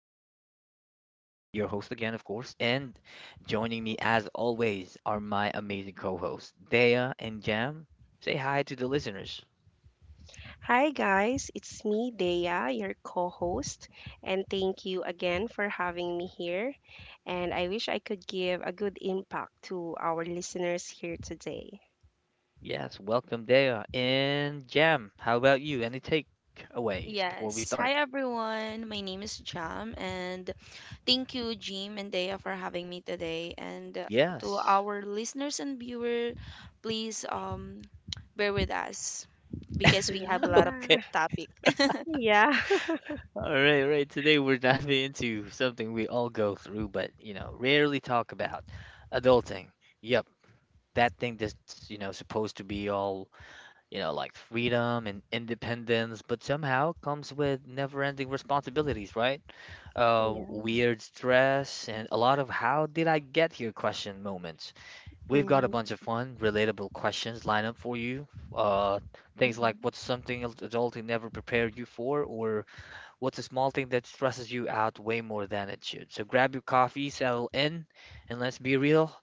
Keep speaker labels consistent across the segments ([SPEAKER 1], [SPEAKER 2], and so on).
[SPEAKER 1] I'm Jim, your host again, of course, and joining me as always are my amazing co-hosts, Dea and Jam. Say hi to the listeners.
[SPEAKER 2] Hi, guys. It's me, Dea, your co host. And thank you again for having me here. And I wish I could give a good impact to our listeners here today.
[SPEAKER 1] Yes, welcome Dea and Jam. How about you? Any takeaways before we
[SPEAKER 3] Yes.
[SPEAKER 1] start?
[SPEAKER 3] Hi, everyone. My name is Jam, and thank you, Jim and Dea, for having me today. And to
[SPEAKER 1] Yes.
[SPEAKER 3] our listeners and viewer, please bear with us because we have a lot of
[SPEAKER 1] Okay.
[SPEAKER 2] Yeah.
[SPEAKER 3] topic.
[SPEAKER 2] Yeah.
[SPEAKER 1] All right. Today we're diving into something we all go through, but rarely talk about adulting. Yep, that thing that's supposed to be all like freedom and independence, but somehow comes with never-ending responsibilities, right?
[SPEAKER 2] Yeah.
[SPEAKER 1] Weird stress and a lot of how did I get here question moments. We've got a
[SPEAKER 2] hmm
[SPEAKER 1] bunch of fun, relatable questions lined up for you. Uh, Things like
[SPEAKER 3] hmm
[SPEAKER 1] what's something adulting never prepared you for, or what's a small thing that stresses you out way more than it should? So grab your coffee, settle in, and let's be real,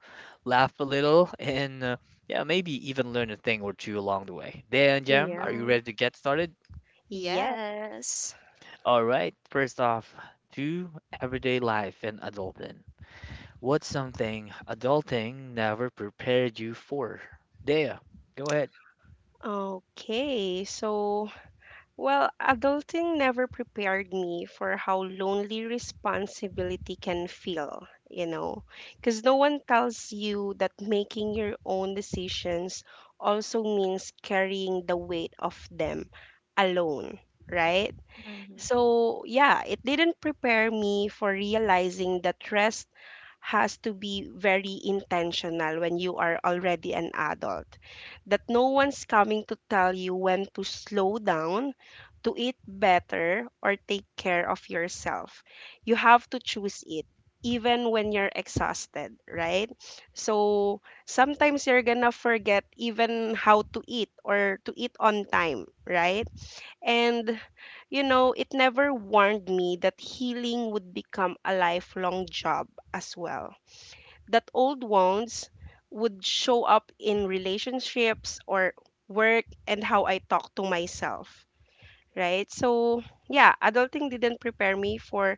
[SPEAKER 1] laugh a little, and yeah, maybe even learn a thing or two along the way. Day and Jam, are you
[SPEAKER 2] Yeah.
[SPEAKER 1] ready to get started?
[SPEAKER 2] Yes.
[SPEAKER 3] yes.
[SPEAKER 1] All right, first off, to everyday life and adulting. What's something adulting never prepared you for? Dea, go ahead.
[SPEAKER 2] Okay. Well, adulting never prepared me for how lonely responsibility can feel, you know, because no one tells you that making your own decisions also means carrying the weight of them alone, right?
[SPEAKER 3] hmm
[SPEAKER 2] So, yeah, it didn't prepare me for realizing that rest has to be very intentional when you are already an adult. That no one's coming to tell you when to slow down, to eat better, or take care of yourself. You have to choose it. Even when you're exhausted, right? So sometimes you're gonna forget even how to eat or to eat on time, right? And you know, it never warned me that healing would become a lifelong job as well. That old wounds would show up in relationships or work and how I talk to myself, right? So, yeah, adulting didn't prepare me for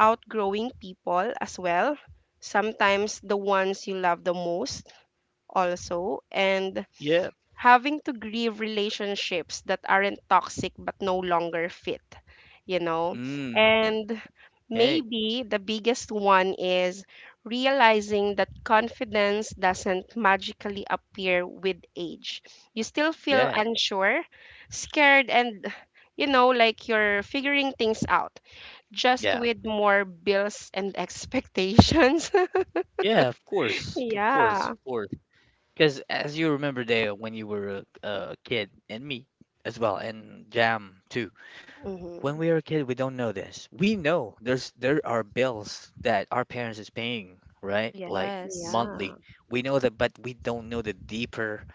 [SPEAKER 2] outgrowing people as well. Sometimes the ones you love the most also and
[SPEAKER 1] Yeah.
[SPEAKER 2] having to grieve relationships that aren't toxic but no longer fit, you know?
[SPEAKER 1] Mm.
[SPEAKER 2] And
[SPEAKER 1] Hey.
[SPEAKER 2] maybe the biggest one is realizing that confidence doesn't magically appear with age. You still feel
[SPEAKER 1] Yeah.
[SPEAKER 2] unsure, scared, and you know, like you're figuring things out just
[SPEAKER 1] Yeah.
[SPEAKER 2] with more bills and expectations.
[SPEAKER 1] Yeah. Of course. Of course. Of
[SPEAKER 2] Yeah.
[SPEAKER 1] course. Because as you remember, Dale, when you were a kid, and me as well, and Jam too. When
[SPEAKER 2] hmm
[SPEAKER 1] we were a kid, we don't know this. We know there's there are bills that our parents is paying, right? Like
[SPEAKER 3] Yes.
[SPEAKER 2] Yeah.
[SPEAKER 1] monthly. We know that, but we don't know the deeper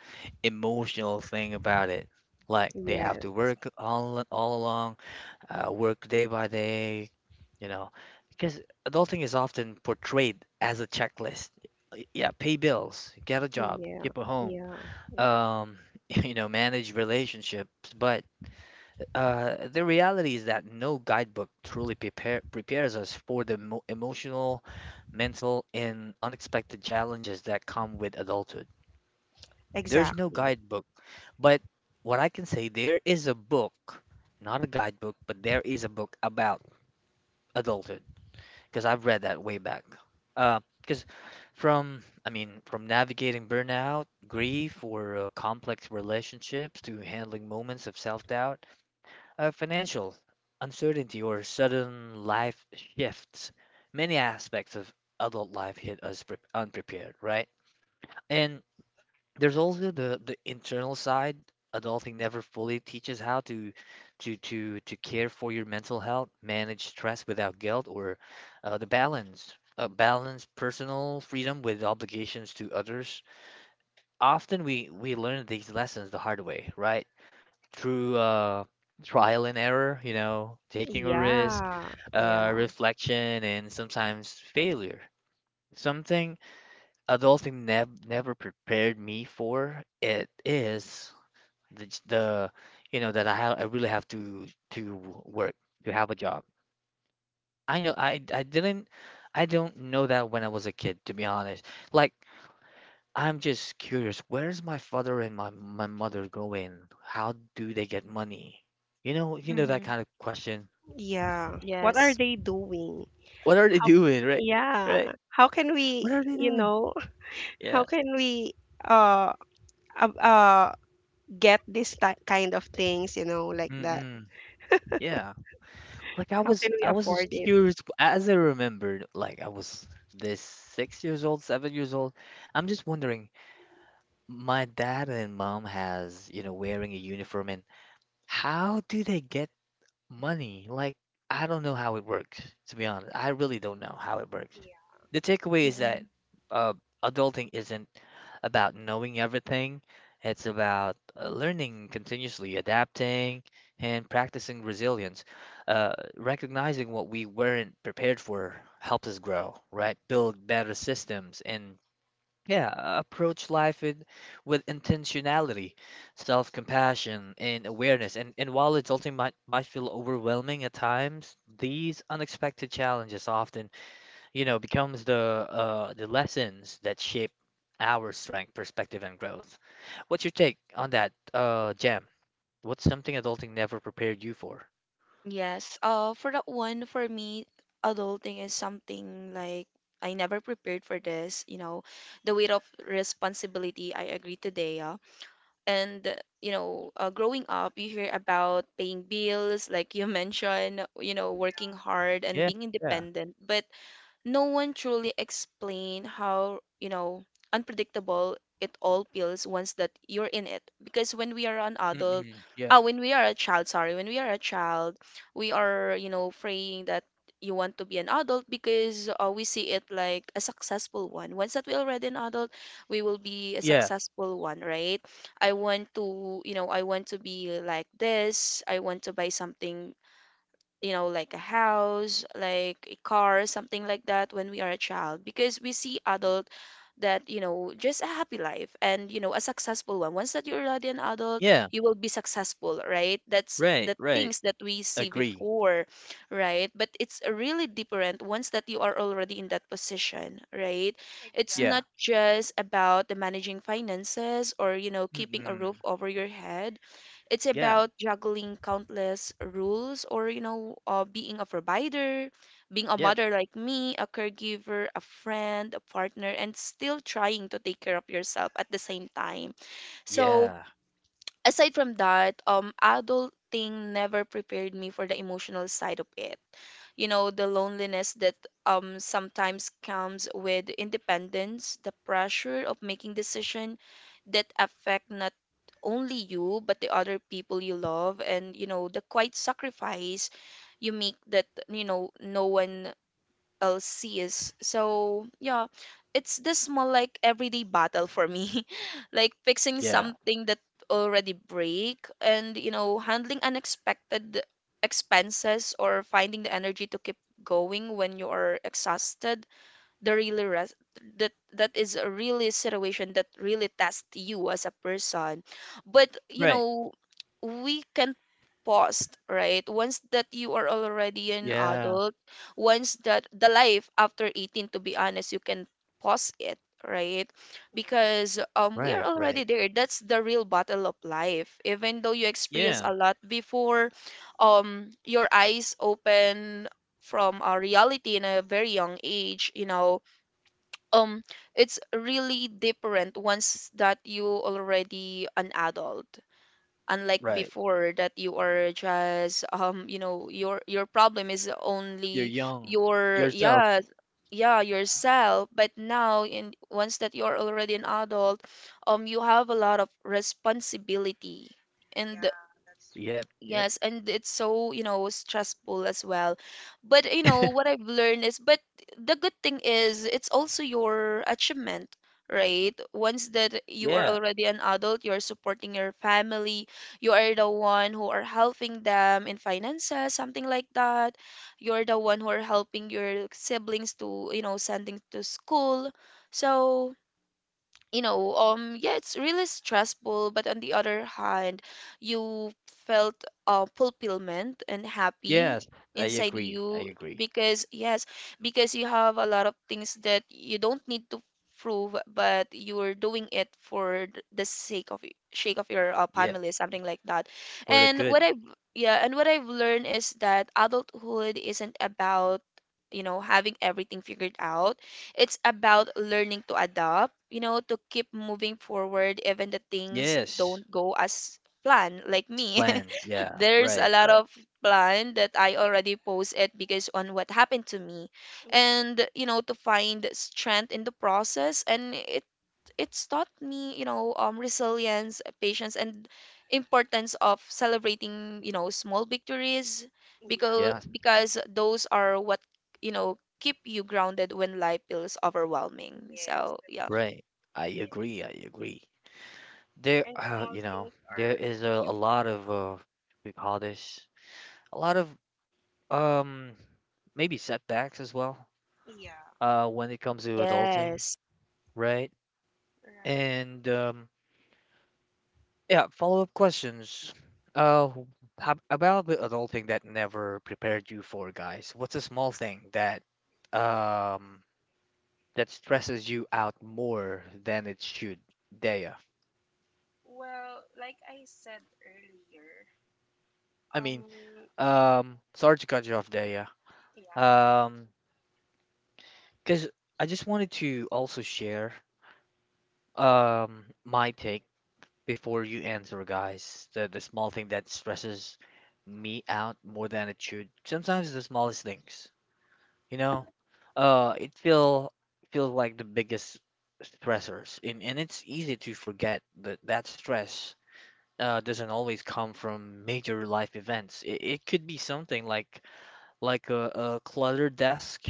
[SPEAKER 1] emotional thing about it. Like they have
[SPEAKER 2] Yeah.
[SPEAKER 1] to work all along, work day by day, you know. Because adulting is often portrayed as a checklist. Yeah, pay bills, get a job,
[SPEAKER 2] Yeah.
[SPEAKER 1] keep a home,
[SPEAKER 2] Yeah.
[SPEAKER 1] um, you know, manage relationships. But the reality is that no guidebook truly prepares us for the emotional, mental, and unexpected challenges that come with adulthood. There's no
[SPEAKER 2] Exactly.
[SPEAKER 1] guidebook. But what I can say, there is a book, not a guidebook, but there is a book about adulthood, because I've read that way back. Because from, I mean, from navigating burnout, grief, or complex relationships to handling moments of self-doubt, financial uncertainty, or sudden life shifts, many aspects of adult life hit us unprepared, right? And there's also the internal side. Adulting never fully teaches how to care for your mental health, manage stress without guilt, or the balance. Balance personal freedom with obligations to others. Often we learn these lessons the hard way, right? Through trial and error, you know, taking a risk,
[SPEAKER 2] Yeah. Yeah.
[SPEAKER 1] reflection, and sometimes failure. Something adulting never prepared me for it is the j- the you know that I have I really have to work to have a job. I know I I didn't I don't know that when I was a kid, to be honest. Like I'm just curious, where's my father and my mother going? How do they get money? You know that
[SPEAKER 3] hmm
[SPEAKER 1] kind of question.
[SPEAKER 2] Yeah. What are
[SPEAKER 3] Yes.
[SPEAKER 2] they doing?
[SPEAKER 1] What are they
[SPEAKER 2] How,
[SPEAKER 1] doing, right? Right?
[SPEAKER 2] yeah. How can we,
[SPEAKER 1] What are they
[SPEAKER 2] you
[SPEAKER 1] doing?
[SPEAKER 2] know,
[SPEAKER 1] Yeah.
[SPEAKER 2] how can we uh uh, uh get this ti kind of things, you know, like that?
[SPEAKER 1] Mm-mm. Yeah. Like I
[SPEAKER 2] How
[SPEAKER 1] was
[SPEAKER 2] can we
[SPEAKER 1] I was
[SPEAKER 2] afford
[SPEAKER 1] just
[SPEAKER 2] it?
[SPEAKER 1] curious as I remembered, like I was this 6 years old, 7 years old. I'm just wondering, my dad and mom has, you know, wearing a uniform, and how do they get money? Like, I don't know how it works, to be honest. I really don't know how it works.
[SPEAKER 2] Yeah.
[SPEAKER 1] The takeaway is
[SPEAKER 3] hmm
[SPEAKER 1] that uh, adulting isn't about knowing everything. It's about learning continuously, adapting, and practicing resilience. Recognizing what we weren't prepared for helps us grow, right? Build better systems and yeah, approach life with intentionality, self-compassion, and awareness. And while adulting might feel overwhelming at times, these unexpected challenges often, you know, becomes the lessons that shape our strength, perspective, and growth. What's your take on that, Jam? What's something adulting never prepared you for?
[SPEAKER 3] Yes, for that one, for me, adulting is something like I never prepared for this. You know, the weight of responsibility. I agree today, yeah. And you know, growing up, you hear about paying bills, like you mentioned. You know, working hard and
[SPEAKER 1] Yeah,
[SPEAKER 3] being
[SPEAKER 1] yeah,
[SPEAKER 3] independent, but no one truly explain how you know unpredictable it all feels once that you're in it because
[SPEAKER 1] mm-mm, yeah,
[SPEAKER 3] when we are a child, sorry, when we are a child, we are, you know, praying that you want to be an adult because we see it like a successful one. Once that we are already an adult, we will be a
[SPEAKER 1] yeah,
[SPEAKER 3] successful one, right? I want to, you know, I want to be like this, I want to buy something, you know, like a house, like a car, something like that when we are a child because we see adult that, you know, just a happy life and, you know, a successful one. Once that you're already an adult,
[SPEAKER 1] yeah.
[SPEAKER 3] you will be successful, right? That's
[SPEAKER 1] Right,
[SPEAKER 3] the
[SPEAKER 1] right.
[SPEAKER 3] things that we see
[SPEAKER 1] Agree.
[SPEAKER 3] before, right? But it's really different once that you are already in that position, right?
[SPEAKER 2] ex-
[SPEAKER 3] It's
[SPEAKER 1] Yeah.
[SPEAKER 3] not just about the managing finances or, you know, keeping a
[SPEAKER 1] Mm-mm.
[SPEAKER 3] roof over your head. It's
[SPEAKER 1] Yeah.
[SPEAKER 3] about juggling countless rules or, you know, being a provider, being a
[SPEAKER 1] Yeah.
[SPEAKER 3] mother like me, a caregiver, a friend, a partner, and still trying to take care of yourself at the same time. So,
[SPEAKER 1] Yeah,
[SPEAKER 3] aside from that, adulting never prepared me for the emotional side of it. You know, the loneliness that sometimes comes with independence, the pressure of making decisions that affect not only you but the other people you love, and you know, the quiet sacrifice you make that you know no one LCs. So yeah, it's this small like everyday battle for me, like fixing
[SPEAKER 1] yeah,
[SPEAKER 3] something that already break and you know handling unexpected expenses or finding the energy to keep going when you are exhausted. the really res- that that is a really situation that really tests you as a person, but you
[SPEAKER 1] right,
[SPEAKER 3] know we can pause right once that you are already an
[SPEAKER 1] yeah,
[SPEAKER 3] adult. Once that the life after 18, to be honest, you can pause it, right?
[SPEAKER 2] Yeah.
[SPEAKER 3] Because we are
[SPEAKER 1] right, right,
[SPEAKER 3] already there. That's the real battle of life even though you experience
[SPEAKER 1] yeah,
[SPEAKER 3] a lot before. Your eyes open from our reality in a very young age, you know. um it's really different once that you already an adult, unlike
[SPEAKER 1] right.
[SPEAKER 3] before that you are just you know your problem is
[SPEAKER 1] You're
[SPEAKER 3] only
[SPEAKER 1] young
[SPEAKER 3] your
[SPEAKER 1] yourself.
[SPEAKER 3] yeah, yeah yourself. But now, in once that you are already an adult, you have a lot of responsibility.
[SPEAKER 2] Yeah.
[SPEAKER 3] And
[SPEAKER 2] Yeah, that's true.
[SPEAKER 1] Yep, yep.
[SPEAKER 3] yes, and it's so, you know, stressful as well. But you know, what I've learned is, but the good thing is it's also your achievement, right? Once that you are
[SPEAKER 1] Yeah,
[SPEAKER 3] already an adult, you're supporting your family, you are the one who are helping them in finances, something like that. You're the one who are helping your siblings to, you know, sending to school. So you know, yeah, it's really stressful, but on the other hand, you felt fulfillment and happy
[SPEAKER 1] yes, I
[SPEAKER 3] inside
[SPEAKER 1] agree. I
[SPEAKER 3] you
[SPEAKER 1] agree.
[SPEAKER 3] because, yes, because you have a lot of things that you don't need to prove, but you're doing it for the sake of sake of your
[SPEAKER 1] Yeah,
[SPEAKER 3] family, something like that.
[SPEAKER 1] for the
[SPEAKER 3] And what
[SPEAKER 1] good.
[SPEAKER 3] I've, yeah, and what I've learned is that adulthood isn't about, you know, having everything figured out. It's about learning to adapt, you know, to keep moving forward even the things
[SPEAKER 1] Yes,
[SPEAKER 3] don't go as planned, like
[SPEAKER 1] it's
[SPEAKER 3] me.
[SPEAKER 1] planned. Yeah,
[SPEAKER 3] There's a
[SPEAKER 1] right,
[SPEAKER 3] lot
[SPEAKER 1] right.
[SPEAKER 3] of plan that I already post it because on what happened to me. And, you know, to find strength in the process, and it's taught me, you know, resilience, patience, and importance of celebrating, you know, small victories because
[SPEAKER 2] Yeah.
[SPEAKER 1] Yeah,
[SPEAKER 3] because those are what you know keep you grounded when life feels overwhelming.
[SPEAKER 2] Yes,
[SPEAKER 3] So yeah.
[SPEAKER 2] that's
[SPEAKER 1] right.
[SPEAKER 2] true.
[SPEAKER 1] I
[SPEAKER 2] Yeah.
[SPEAKER 1] agree. I agree. There,
[SPEAKER 2] And small things
[SPEAKER 1] there
[SPEAKER 2] are
[SPEAKER 1] is a lot
[SPEAKER 2] achievement.
[SPEAKER 1] of, we call this a lot of, um maybe setbacks as well.
[SPEAKER 2] Yeah.
[SPEAKER 1] When it comes to adulting,
[SPEAKER 3] Yes.
[SPEAKER 1] right?
[SPEAKER 2] Right.
[SPEAKER 1] And yeah, follow-up questions. Uh, how about the adulting that never prepared you for, guys? What's a small thing that um that stresses you out more than it should, Dea?
[SPEAKER 2] Well, like I said earlier,
[SPEAKER 1] I mean,
[SPEAKER 2] um,
[SPEAKER 1] sorry to cut you off, Dea.
[SPEAKER 2] yeah,
[SPEAKER 1] Um, because I just wanted to also share my take before you answer, guys. The small thing that stresses me out more than it should. Sometimes the smallest things. You know, it feel feels like the biggest stressors, and it's easy to forget that stress doesn't always come from major life events. It could be something like like a, a cluttered desk,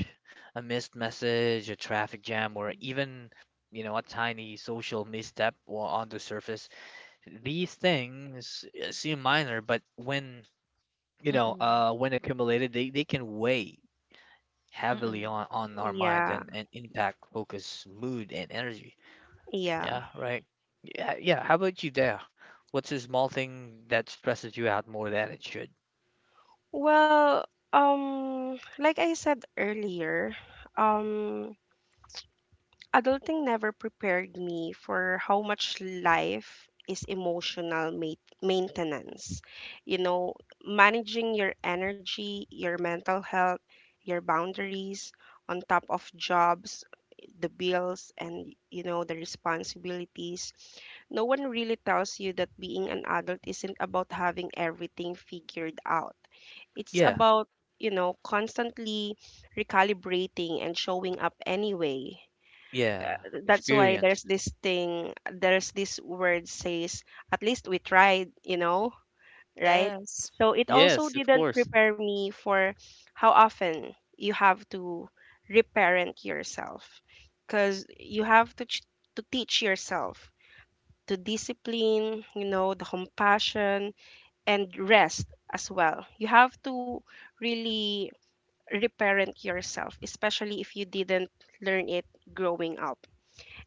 [SPEAKER 1] a missed message, a traffic jam, or
[SPEAKER 3] Mm-mm.
[SPEAKER 1] even, you know, a tiny social misstep on the surface. These things seem minor, but when
[SPEAKER 3] Mm-mm.
[SPEAKER 1] when accumulated, they can weigh heavily
[SPEAKER 3] Mm-mm.
[SPEAKER 1] on our mind
[SPEAKER 2] Yeah,
[SPEAKER 1] and impact focus, mood, and energy.
[SPEAKER 2] yeah.
[SPEAKER 1] Yeah, right. Yeah, yeah. How about you there? What's a small thing that stresses you out more than it should?
[SPEAKER 2] Well, like I said earlier, um, adulting never prepared me for how much life is emotional maintenance. You know, managing your energy, your mental health, your boundaries on top of jobs, the bills, and you know, the responsibilities. No one really tells you that being an adult isn't about having everything figured out. It's
[SPEAKER 1] Yeah,
[SPEAKER 2] about, you know, constantly recalibrating and showing up anyway.
[SPEAKER 1] yeah.
[SPEAKER 2] That's why there's
[SPEAKER 1] Experience.
[SPEAKER 2] this thing, there's this word says, at least we tried, you know, right?
[SPEAKER 3] Yes.
[SPEAKER 2] So it also
[SPEAKER 1] Yes, of
[SPEAKER 2] didn't
[SPEAKER 1] course.
[SPEAKER 2] prepare me for how often you have to reparent yourself because you have to to teach yourself to discipline, you know, the compassion and rest as well. You have to really reparent yourself especially if you didn't learn it growing up.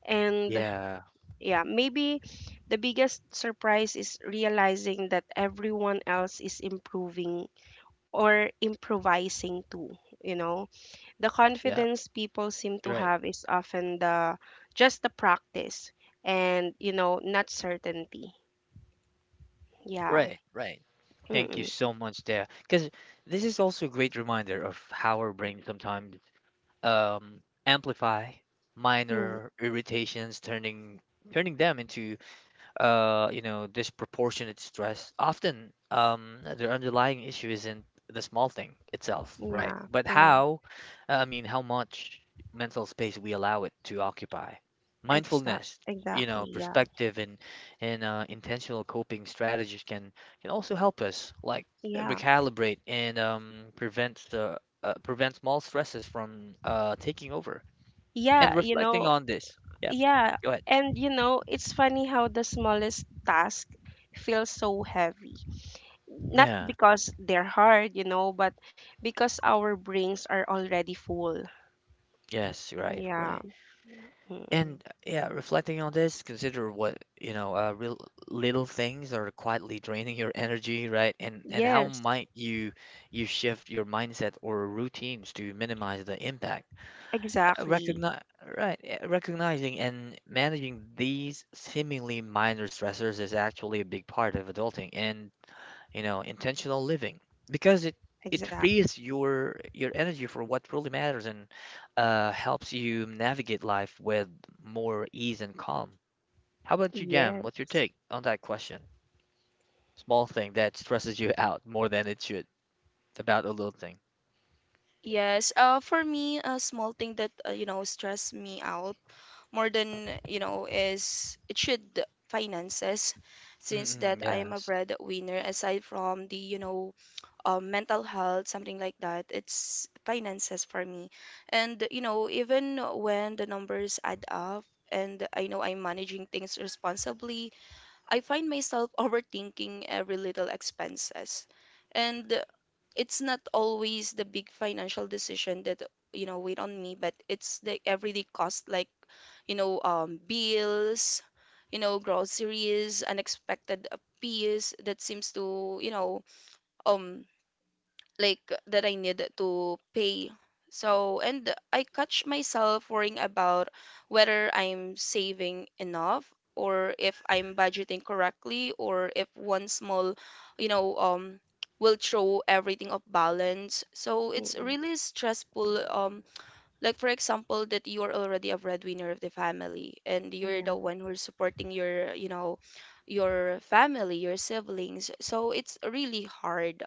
[SPEAKER 2] And
[SPEAKER 1] Yeah,
[SPEAKER 2] yeah, maybe the biggest surprise is realizing that everyone else is improving or improvising too, you know. The
[SPEAKER 1] yeah.
[SPEAKER 2] confidence people seem to
[SPEAKER 1] You're right,
[SPEAKER 2] have is often the just the practice and, you know, not certainty. Yeah.
[SPEAKER 1] right, right. Thank you
[SPEAKER 2] Mm-mm.
[SPEAKER 1] so much there, because this is also a great reminder of how our brain sometimes um amplify
[SPEAKER 2] Mm.
[SPEAKER 1] minor irritations, turning them into disproportionate stress. Often, their underlying issue isn't the small thing itself, right?
[SPEAKER 2] Yeah.
[SPEAKER 1] But
[SPEAKER 2] Yeah.
[SPEAKER 1] how, I mean, how much mental space we allow it to occupy.
[SPEAKER 2] Exactly.
[SPEAKER 1] Mindfulness, you know,
[SPEAKER 2] Exactly. Yeah.
[SPEAKER 1] perspective and intentional coping strategies can also help us like
[SPEAKER 2] Yeah.
[SPEAKER 1] recalibrate and prevent the prevent small stresses from taking over. And
[SPEAKER 2] Yeah, you
[SPEAKER 1] reflecting
[SPEAKER 2] know.
[SPEAKER 1] on this, yeah,
[SPEAKER 2] Yeah.
[SPEAKER 1] go ahead.
[SPEAKER 2] And you know, it's funny how the smallest task feels so heavy not
[SPEAKER 1] Yeah.
[SPEAKER 2] because they're hard, you know, but because our brains are already full.
[SPEAKER 1] Yes, right,
[SPEAKER 2] Yeah.
[SPEAKER 1] right. And
[SPEAKER 2] Mm-mm.
[SPEAKER 1] yeah, reflecting on this, consider what, you know, real little things are quietly draining your energy, right? And how
[SPEAKER 2] Yes,
[SPEAKER 1] might you shift your mindset or routines to minimize the impact?
[SPEAKER 2] exactly.
[SPEAKER 1] Recognize, right, yeah, recognizing and managing these seemingly minor stressors is actually a big part of adulting. And you know, intentional living, because it
[SPEAKER 2] Exactly.
[SPEAKER 1] frees your energy for what really matters, and helps you navigate life with more ease and calm. How about you, Jam? What's your
[SPEAKER 2] Yes.
[SPEAKER 1] take on that question? Small thing that stresses you out more than it should about a little thing.
[SPEAKER 3] Yes. For me, a small thing that you know stress me out more than you know is it should, finances, since that
[SPEAKER 1] Mm-mm,
[SPEAKER 3] I am a
[SPEAKER 1] yes.
[SPEAKER 3] breadwinner. Aside from the you know mental health, something like that. It's finances for me. And, you know, even when the numbers add up and I know I'm managing things responsibly, I find myself overthinking every little expenses. And it's not always the big financial decision that you know wait on me, but it's the everyday cost like you know bills, you know, groceries, unexpected fees that seems to you know um like that I need to pay. So, and I catch myself worrying about whether I'm saving enough or if I'm budgeting correctly or if one small, you know, will throw everything off balance. So it's
[SPEAKER 2] Mm-mm.
[SPEAKER 3] really stressful. Like for example, that you're already a breadwinner of the family and you're the
[SPEAKER 2] Yeah.
[SPEAKER 3] one who's supporting your, you know, your family, your siblings. So it's really hard.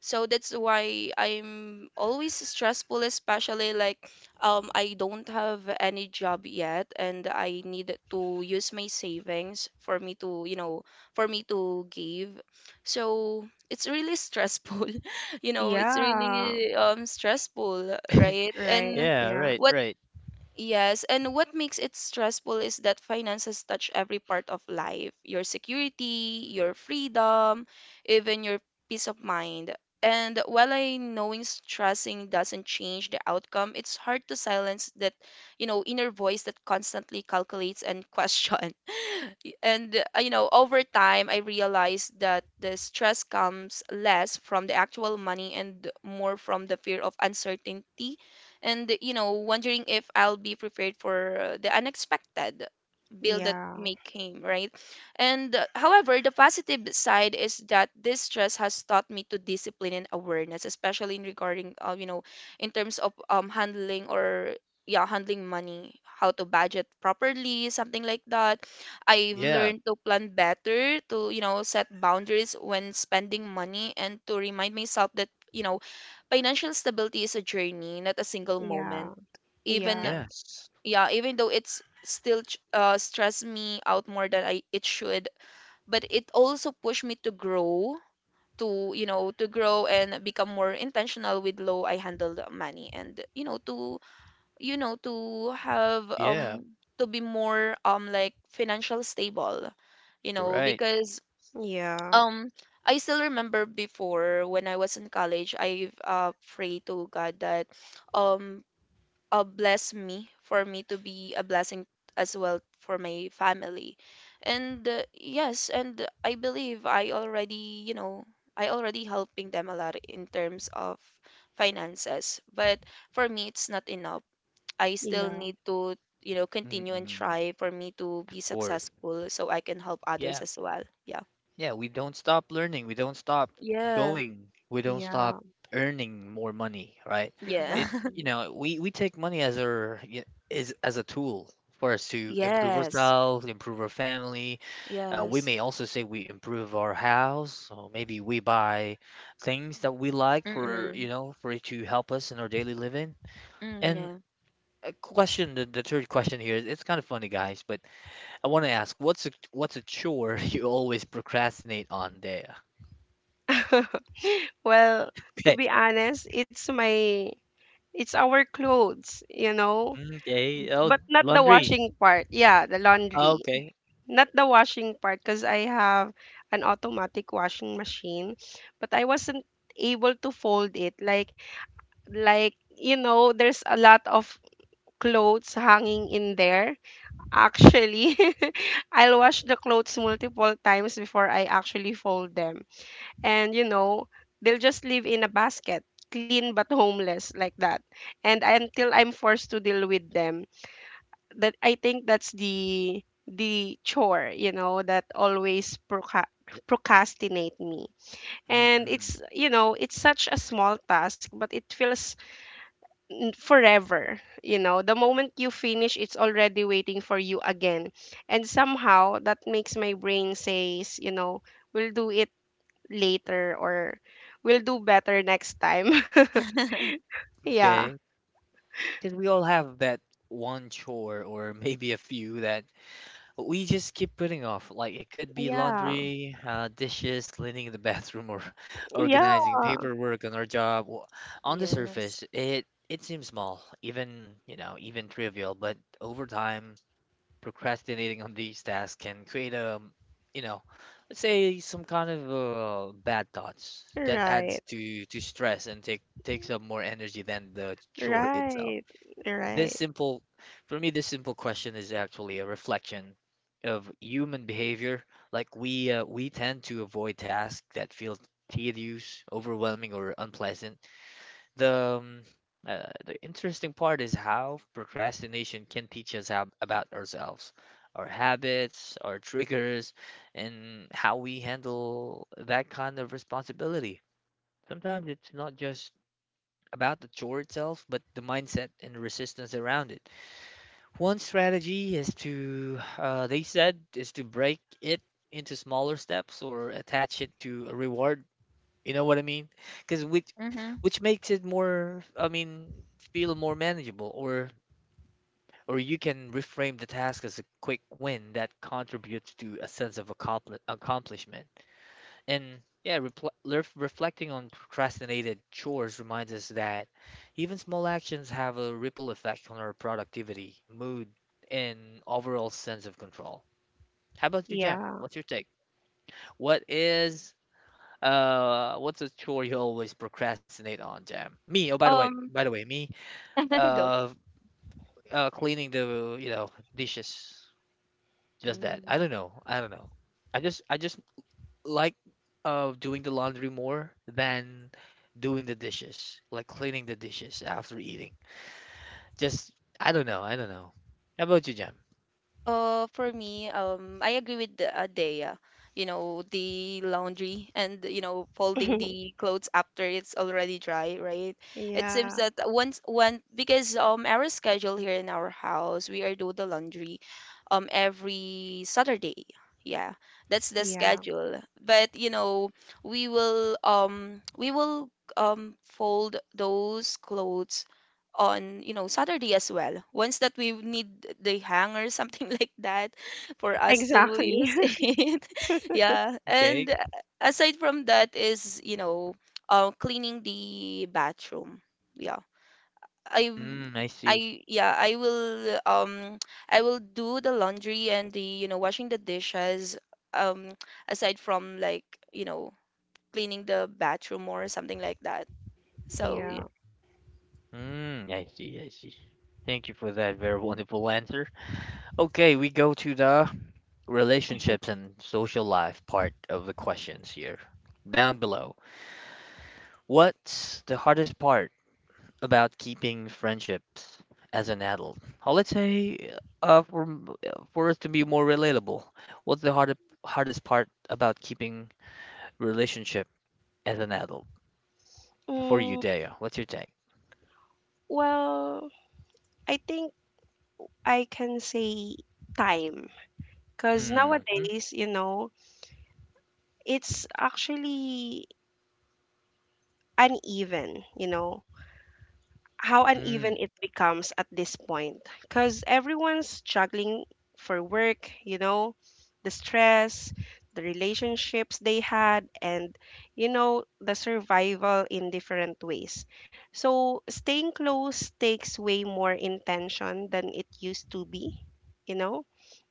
[SPEAKER 3] So that's why I'm always stressful, especially like I don't have any job yet and I need to use my savings for me to you know for me to give. So it's really stressful. You know, it's
[SPEAKER 2] Yeah.
[SPEAKER 3] really stressful, right?
[SPEAKER 2] Right.
[SPEAKER 3] and
[SPEAKER 1] Yeah,
[SPEAKER 2] Yeah.
[SPEAKER 1] right,
[SPEAKER 3] what
[SPEAKER 1] right.
[SPEAKER 3] Yes, and what makes it stressful is that finances touch every part of life, your security, your freedom, even your peace of mind. And while I knowing stressing doesn't change the outcome, it's hard to silence that, you know, inner voice that constantly calculates and question. And, you know, over time, I realized that the stress comes less from the actual money and more from the fear of uncertainty, and you know wondering if I'll be prepared for the unexpected bill that may
[SPEAKER 2] Yeah.
[SPEAKER 3] came, right? And however, the positive side is that this stress has taught me to discipline and awareness, especially in regarding you know, in terms of handling or yeah handling money, how to budget properly, something like that. I've
[SPEAKER 1] Yeah,
[SPEAKER 3] learned to plan better, to, you know, set boundaries when spending money and to remind myself that, you know, financial stability is a journey, not a single
[SPEAKER 2] Yeah.
[SPEAKER 3] moment. Even
[SPEAKER 2] Yeah.
[SPEAKER 1] yes.
[SPEAKER 3] yeah, even though it's still stress me out more than I it should, but it also pushed me to grow, to you know, to grow and become more intentional with low I handle the money, and you know, to have
[SPEAKER 1] Yeah,
[SPEAKER 3] to be more like financial stable, you know,
[SPEAKER 1] right.
[SPEAKER 3] because
[SPEAKER 2] Yeah.
[SPEAKER 3] um, I still remember before when I was in college, I prayed to God that um bless me for me to be a blessing as well for my family. And yes, and I believe I already, you know, I already helping them a lot in terms of finances. But for me, it's not enough. I still
[SPEAKER 2] Yeah.
[SPEAKER 3] need to, you know, continue
[SPEAKER 1] Mm.
[SPEAKER 3] and try for me to be successful so I can help others
[SPEAKER 1] Yeah,
[SPEAKER 3] as well. Yeah.
[SPEAKER 1] yeah, we don't stop learning, we don't stop
[SPEAKER 3] Yeah.
[SPEAKER 1] going, we don't stop
[SPEAKER 2] Yeah.
[SPEAKER 1] earning more money, right?
[SPEAKER 3] Yeah.
[SPEAKER 1] It,
[SPEAKER 2] Exactly.
[SPEAKER 1] you know, we take money as our y- is as a tool for us to improve
[SPEAKER 3] Yes.
[SPEAKER 1] ourselves, improve our family. We
[SPEAKER 3] Yes.
[SPEAKER 1] may also say we improve our house, or maybe we buy things that we like for,
[SPEAKER 3] Mm-mm.
[SPEAKER 1] you know, for it to help us in our daily living.
[SPEAKER 3] Mm,
[SPEAKER 1] And
[SPEAKER 3] yeah.
[SPEAKER 1] a question, the third question here, it's kind of funny, guys, but I want to ask, what's a chore you always procrastinate on, Dea?
[SPEAKER 2] Well, to
[SPEAKER 1] Okay.
[SPEAKER 2] be honest, it's my it's our clothes, you know,
[SPEAKER 1] Okay. Oh,
[SPEAKER 2] but not the
[SPEAKER 1] laundry.
[SPEAKER 2] washing part. Yeah, the
[SPEAKER 1] Oh,
[SPEAKER 2] laundry.
[SPEAKER 1] okay.
[SPEAKER 2] Not the washing part because I have an automatic washing machine, but I wasn't able to fold it. Like you know, there's a lot of clothes hanging in there. Actually, I'll wash the clothes multiple times before I actually fold them. And you know, they'll just live in a basket, clean but homeless like that. And until I'm forced to deal with them that I think that's the chore, you know, that always procrastinate me. And
[SPEAKER 1] Mm-mm.
[SPEAKER 2] it's, you know, it's such a small task, but it feels forever, you know. The moment you finish, it's already waiting for you again. And somehow that makes my brain says, you know, we'll do it later or we'll do better next time. Yeah.
[SPEAKER 1] Okay. Because we all have that one chore or maybe a few that we just keep putting off. Like it could be
[SPEAKER 2] Yeah.
[SPEAKER 1] laundry, dishes, cleaning the bathroom, or
[SPEAKER 2] Yeah.
[SPEAKER 1] organizing paperwork on our job. On the
[SPEAKER 3] Yes.
[SPEAKER 1] surface, it seems small, even you know, even trivial, but over time, procrastinating on these tasks can create a, you know, let's say some kind of bad thoughts that
[SPEAKER 2] Right.
[SPEAKER 1] adds to stress and takes up more energy than the chore
[SPEAKER 2] Right.
[SPEAKER 1] itself.
[SPEAKER 2] Right.
[SPEAKER 1] This simple, for me, this simple question is actually a reflection of human behavior. Like we tend to avoid tasks that feel tedious, overwhelming, or unpleasant. the um, the interesting part is how procrastination can teach us about ourselves, our habits, our triggers, and how we handle that kind of responsibility. Sometimes it's not just about the chore itself, but the mindset and resistance around it. One strategy is to, they said, is to break it into smaller steps or attach it to a reward, you know what I mean? Because
[SPEAKER 3] Mm-hmm.
[SPEAKER 1] which makes it more, I mean, feel more manageable, or you can reframe the task as a quick win that contributes to a sense of accomplishment. And yeah, reflecting on procrastinated chores reminds us that even small actions have a ripple effect on our productivity, mood, and overall sense of control. How about you, Jem?
[SPEAKER 2] Yeah.
[SPEAKER 1] What's your take? What is what's a chore you always procrastinate on, Jam? Me. Oh,
[SPEAKER 3] Um,
[SPEAKER 1] by the way, me.
[SPEAKER 3] go.
[SPEAKER 1] Uh, cleaning the, dishes. Just that. I
[SPEAKER 3] Mm.
[SPEAKER 1] don't know. I don't know. I just like doing the laundry more than doing the dishes. Like cleaning the dishes after eating. Just, I don't know. I don't know. How about you, Jam?
[SPEAKER 3] For me, I agree with Dea. You know, the laundry and, you know, folding the clothes after it's already dry, right? It
[SPEAKER 2] Yeah.
[SPEAKER 3] seems that once one because our schedule here in our house, we are do the laundry every Saturday. Yeah, that's the
[SPEAKER 2] Yeah.
[SPEAKER 3] schedule. But, you know, we will fold those clothes on you know Saturday as well. Once that we need the hanger, something like that, for us to
[SPEAKER 2] Exactly.
[SPEAKER 3] use it. Yeah,
[SPEAKER 1] Okay.
[SPEAKER 3] and aside from that is you know cleaning the bathroom. Yeah, I
[SPEAKER 1] Mm, I see.
[SPEAKER 3] I yeah, I will I will do the laundry and the you know washing the dishes. Um, aside from like you know cleaning the bathroom or something like that. So yeah.
[SPEAKER 2] Yeah.
[SPEAKER 1] Mm, I see. I see. Thank you for that very wonderful answer. Okay, we go to the relationships and social life part of the questions here. Down below, what's the hardest part about keeping friendships as an adult? Oh, let's say, uh, for m- for us to be more relatable, what's the hardest part about keeping relationship as an adult for you,
[SPEAKER 2] Mm,
[SPEAKER 1] Daya? What's your take?
[SPEAKER 2] well, I think I can say time. Because
[SPEAKER 1] Mm, mm,
[SPEAKER 2] nowadays, you know, it's actually uneven, you know, how uneven
[SPEAKER 1] mm.
[SPEAKER 2] it becomes at this point because everyone's struggling for work, you know, the stress, the relationships they had, and, you know, the survival in different ways. So staying close takes way more intention than it used to be, you know?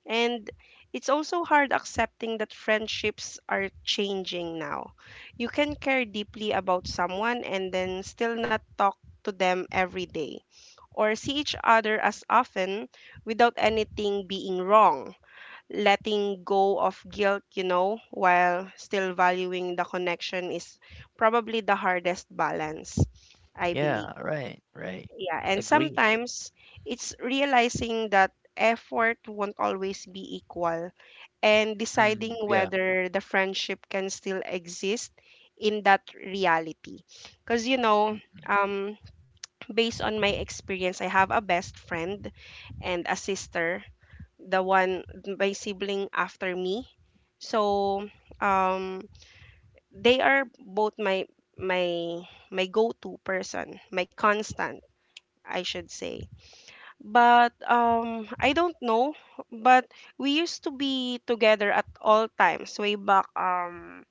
[SPEAKER 2] And it's also hard accepting that friendships are changing now. You can care deeply about someone and then still not talk to them every day or see each other as often without anything being wrong. Letting go of guilt, you know, while still valuing the connection is probably the hardest balance, I believe.
[SPEAKER 1] Yeah, right, right.
[SPEAKER 2] Yeah, and
[SPEAKER 1] Agree.
[SPEAKER 2] sometimes it's realizing that effort won't always be equal and deciding
[SPEAKER 1] Mm, yeah.
[SPEAKER 2] whether the friendship can still exist in that reality. Because, you know,
[SPEAKER 1] Mm, mm.
[SPEAKER 2] um, based on my experience, I have a best friend and a sister, the one, my sibling after me. So, um, they are both my my go-to person, my constant, I should say. But I don't know. But we used to be together at all times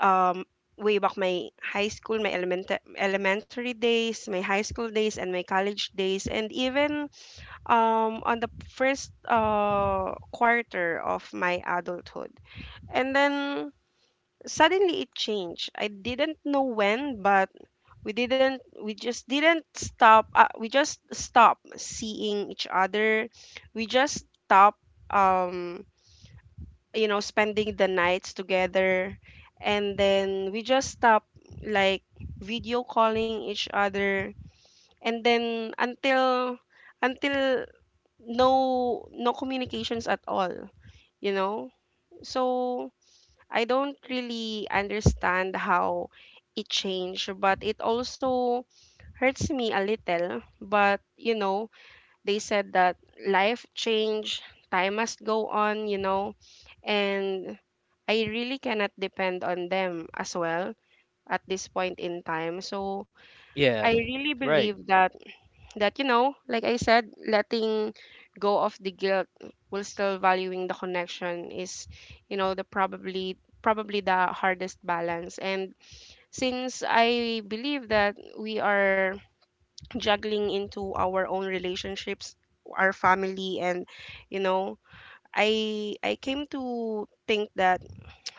[SPEAKER 2] um way back my high school, my elementary days, my high school days, and my college days, and even on the first quarter of my adulthood. And then suddenly it changed. I didn't know when, but we didn't we just didn't stop we just stopped seeing each other. We just stopped, um you know, spending the nights together, and then we just stopped, like, video calling each other, and then until no, no communications at all, you know. So I don't really understand how it changed, but it also hurts me a little, but you know, they said that life change, time must go on, you know, and I really cannot depend on them as well at this point in time. So I
[SPEAKER 1] Yes,
[SPEAKER 2] really
[SPEAKER 1] right.
[SPEAKER 2] believe that, that you know, like I said, letting go of the guilt while still valuing the connection is, you know, the probably the hardest balance. And since I believe that we are juggling into our own relationships, our family, and you know, I came to think that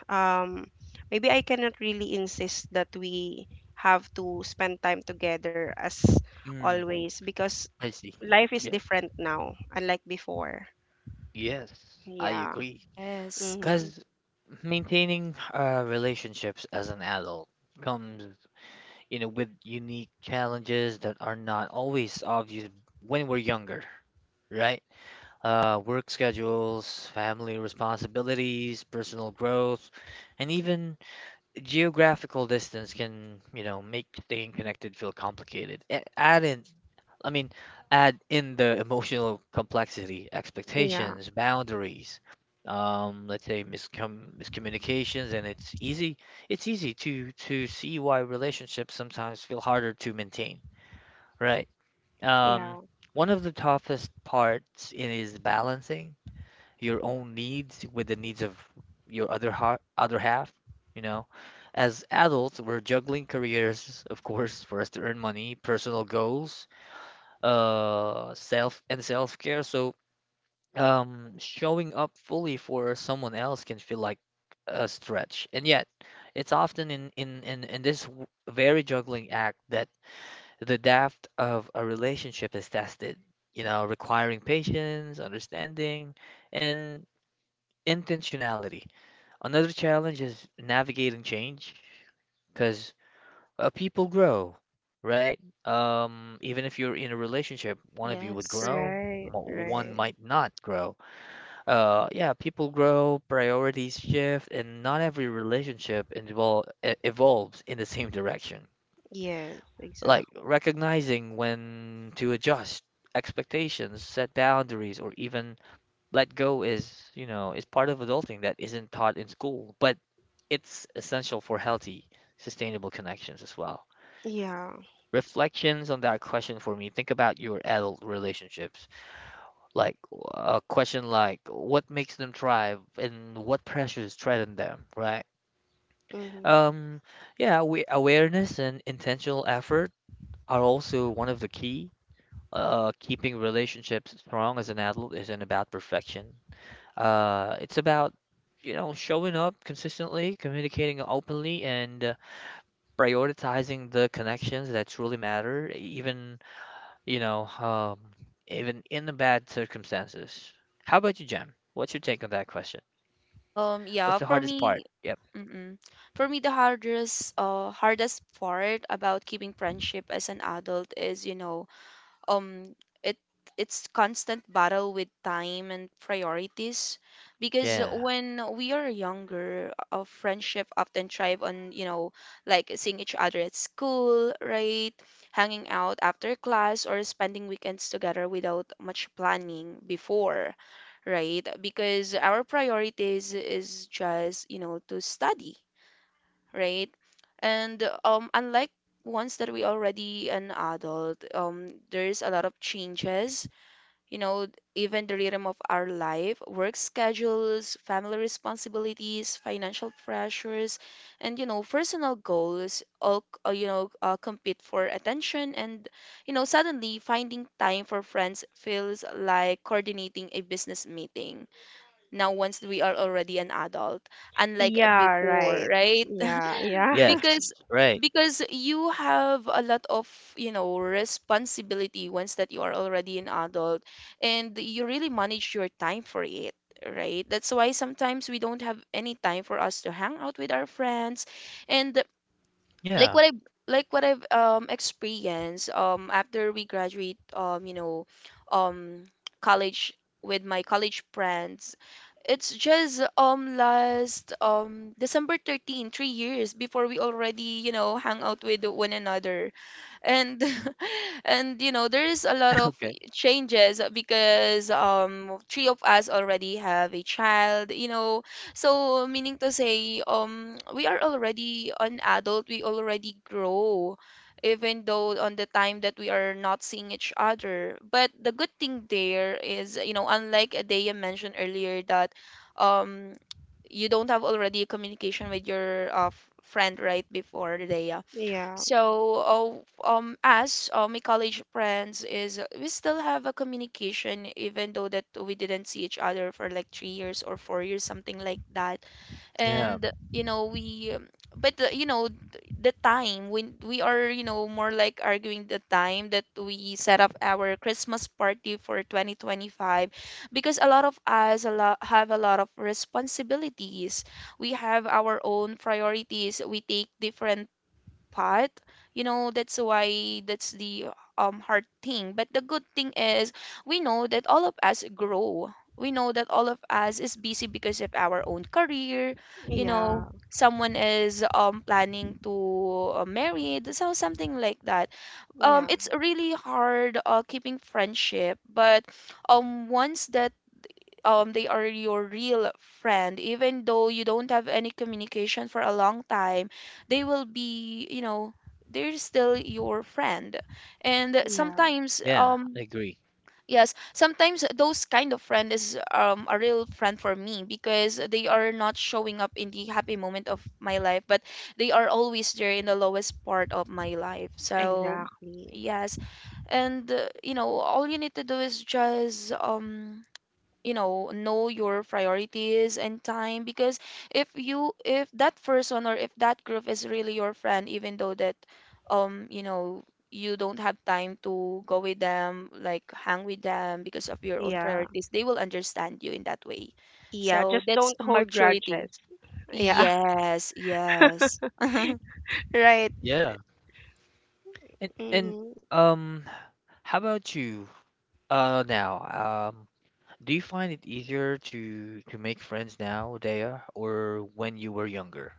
[SPEAKER 2] um maybe I cannot really insist that we have to spend time together as
[SPEAKER 1] Mm,
[SPEAKER 2] always because
[SPEAKER 1] I see.
[SPEAKER 2] life is different now unlike before.
[SPEAKER 1] Yes, I
[SPEAKER 2] Yeah.
[SPEAKER 1] agree.
[SPEAKER 3] Yes,
[SPEAKER 2] Mm-hmm.
[SPEAKER 1] Because maintaining relationships as an adult comes, you know, with unique challenges that are not always obvious when we're younger, right? Work schedules, family responsibilities, personal growth, and even geographical distance can, you know, make staying connected feel complicated. I mean, add in the emotional complexity,
[SPEAKER 2] Yeah.
[SPEAKER 1] expectations, boundaries, let's say miscommunications, and it's easy. It's easy to see why relationships sometimes feel harder to maintain, right? Um,
[SPEAKER 2] Yeah.
[SPEAKER 1] one of the toughest parts is balancing your own needs with the needs of your other half, you know. As adults, we're juggling careers, of course, for us to earn money, personal goals, self-care. So, showing up fully for someone else can feel like a stretch. And yet, it's often in this very juggling act that the depth of a relationship is tested, you know, requiring patience, understanding, and intentionality. Another challenge is navigating change because people grow, right? Even if you're in a relationship, one of you would
[SPEAKER 3] yes.
[SPEAKER 1] grow,
[SPEAKER 2] Right,
[SPEAKER 1] mo- one
[SPEAKER 2] right.
[SPEAKER 1] might not grow. Yeah, people grow, priorities shift, and not every relationship evolves in the same direction.
[SPEAKER 2] Yes,
[SPEAKER 1] Like
[SPEAKER 2] exactly.
[SPEAKER 1] recognizing when to adjust expectations, set boundaries, or even let go is, you know, is part of adulting that isn't taught in school, but it's essential for healthy, sustainable connections as well.
[SPEAKER 2] Yeah.
[SPEAKER 1] Reflections on that question for me, think about your adult relationships. Like a question like what makes them thrive and what pressures threaten them, right?
[SPEAKER 2] Mm-hmm.
[SPEAKER 1] Um, yeah, awareness and intentional effort are also one of the key. Keeping relationships strong as an adult isn't about perfection. It's about, you know, showing up consistently, communicating openly, and prioritizing the connections that truly matter, even, you know, um, even in the bad circumstances. How about you, Jem? What's your take on that question?
[SPEAKER 3] Yeah,
[SPEAKER 1] What's the
[SPEAKER 3] for
[SPEAKER 1] hardest part?
[SPEAKER 3] me,
[SPEAKER 1] Yep.
[SPEAKER 3] mm-mm. For me, the hardest, hardest part about keeping friendship as an adult is, you know, um it it's constant battle with time and priorities because
[SPEAKER 1] Yeah.
[SPEAKER 3] when we are younger our friendship often thrive on you know like seeing each other at school, right, hanging out after class or spending weekends together without much planning before, right? Because our priorities is just you know to study, right? And unlike once that we already an adult, there's a lot of changes. You know, even the rhythm of our life, work schedules, family responsibilities, financial pressures, and personal goals all compete for attention. And suddenly finding time for friends feels like coordinating a business meeting. Now, once we are already an adult, unlike
[SPEAKER 2] Yeah.
[SPEAKER 3] before,
[SPEAKER 2] Right.
[SPEAKER 3] right?
[SPEAKER 2] Yeah. Yeah.
[SPEAKER 1] Yes.
[SPEAKER 3] because
[SPEAKER 1] Right.
[SPEAKER 3] because you have a lot of responsibility once that you are already an adult, and you really manage your time for it, right? That's why sometimes we don't have any time for us to hang out with our friends. And like
[SPEAKER 1] Yeah.
[SPEAKER 3] what I like what I've experienced after we graduate, um college, with my college friends, it's just last December 13, 3 years before, we already hang out with one another. And and there is a lot of
[SPEAKER 1] Okay.
[SPEAKER 3] changes because three of us already have a child, so, meaning to say, we are already an adult, we already grow, even though on the time that we are not seeing each other. But the good thing there is, unlike Adeya mentioned earlier, that um, you don't have already communication with your friend right before Adeya.
[SPEAKER 2] Yeah.
[SPEAKER 3] So, as my college friends, is we still have a communication, even though that we didn't see each other for like 3 years or 4 years, something like that.
[SPEAKER 1] Yeah,
[SPEAKER 3] And we, but the time when we are, more like arguing, the time that we set up our Christmas party for 2025, because a lot of us, a lot have a lot of responsibilities. We have our own priorities. We take different path, that's why that's the hard thing. But the good thing is, we know that all of us grow, we know that all of us is busy because of our own career, you
[SPEAKER 2] Yeah.
[SPEAKER 3] know someone is planning to marry, so something like that.
[SPEAKER 2] Yeah,
[SPEAKER 3] It's really hard keeping friendship. But once that they are your real friend, even though you don't have any communication for a long time, they will be, they're still your friend. And
[SPEAKER 2] yeah,
[SPEAKER 3] sometimes,
[SPEAKER 1] yeah, I agree.
[SPEAKER 3] yes, sometimes those kind of friend is a real friend for me, because they are not showing up in the happy moment of my life, but they are always there in the lowest part of my life. So
[SPEAKER 2] exactly.
[SPEAKER 3] yes. And all you need to do is just know your priorities and time, because if that person, or if that group is really your friend, even though that, um you know you don't have time to go with them, like hang with them, because of your own
[SPEAKER 2] Yeah,
[SPEAKER 3] priorities, they will understand you in that way.
[SPEAKER 2] yeah,
[SPEAKER 3] So
[SPEAKER 2] just
[SPEAKER 3] that's
[SPEAKER 2] don't hold
[SPEAKER 3] maturity.
[SPEAKER 2] grudges. Yeah,
[SPEAKER 3] Yes, yes.
[SPEAKER 2] right.
[SPEAKER 1] Yeah. And
[SPEAKER 2] hmm
[SPEAKER 1] um how about you now? Do you find it easier to make friends now, Dea, or when you were younger?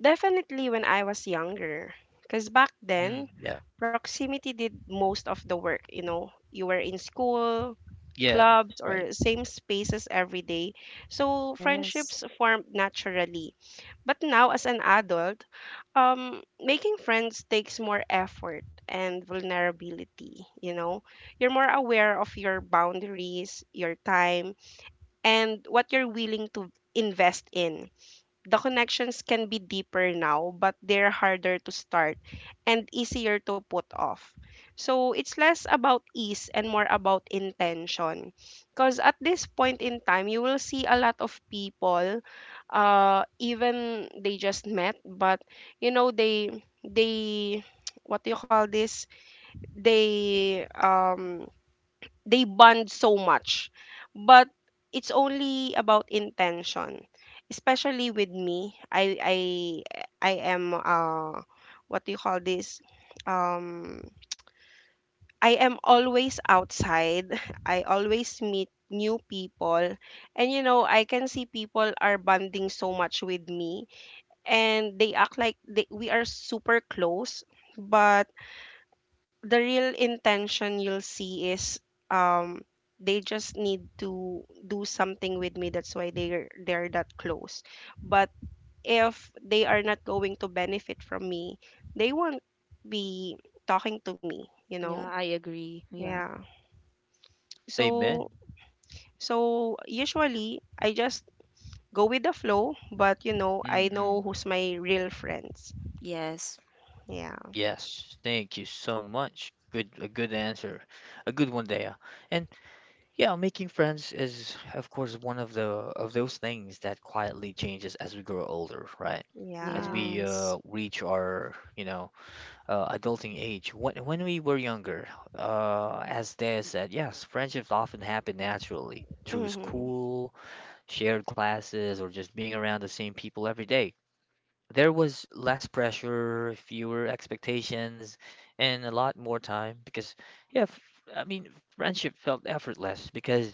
[SPEAKER 2] Definitely when I was younger. Because back
[SPEAKER 1] Mm,
[SPEAKER 2] then,
[SPEAKER 1] yeah,
[SPEAKER 2] proximity did most of the work. You know, you were in school,
[SPEAKER 1] yeah,
[SPEAKER 2] clubs,
[SPEAKER 1] right.
[SPEAKER 2] or same spaces every day. So
[SPEAKER 3] Yes.
[SPEAKER 2] friendships formed naturally. But now, as an adult, making friends takes more effort and vulnerability, you know. You're more aware of your boundaries, your time, and what you're willing to invest in. The connections can be deeper now, but they're harder to start and easier to put off. So it's less about ease and more about intention. Because at this point in time, you will see a lot of people, even they just met, but you know, they, what do you call this? They, um, they bond so much but it's only about intention, especially with me. I am what do you call this, um I am always outside. I always meet new people and you know I can see people are bonding so much with me and they act like they, we are super close, but the real intention you'll see is, um they just need to do something with me, that's why they're that close. But if they are not going to benefit from me, they won't be talking to me, you know.
[SPEAKER 3] Yeah, I agree. Yeah.
[SPEAKER 2] Yeah.
[SPEAKER 1] Amen.
[SPEAKER 2] So so usually I just go with the flow, but you know I
[SPEAKER 1] Mm-mm.
[SPEAKER 2] know who's my real friends.
[SPEAKER 3] Yes,
[SPEAKER 2] Yeah.
[SPEAKER 1] Yes, thank you so much. Good, a good answer, a good one, Dea. And yeah, making friends is, of course, one of the of those things that quietly changes as we grow older, right? As
[SPEAKER 2] Yeah.
[SPEAKER 1] we
[SPEAKER 3] yes.
[SPEAKER 1] reach our, you know, adulting age. When we were younger, as Dea said, yes, friendships often happen naturally through
[SPEAKER 2] hmm
[SPEAKER 1] school, shared classes, or just being around the same people every day. There was less pressure, fewer expectations, and a lot more time because, yeah, f- I mean, friendship felt effortless because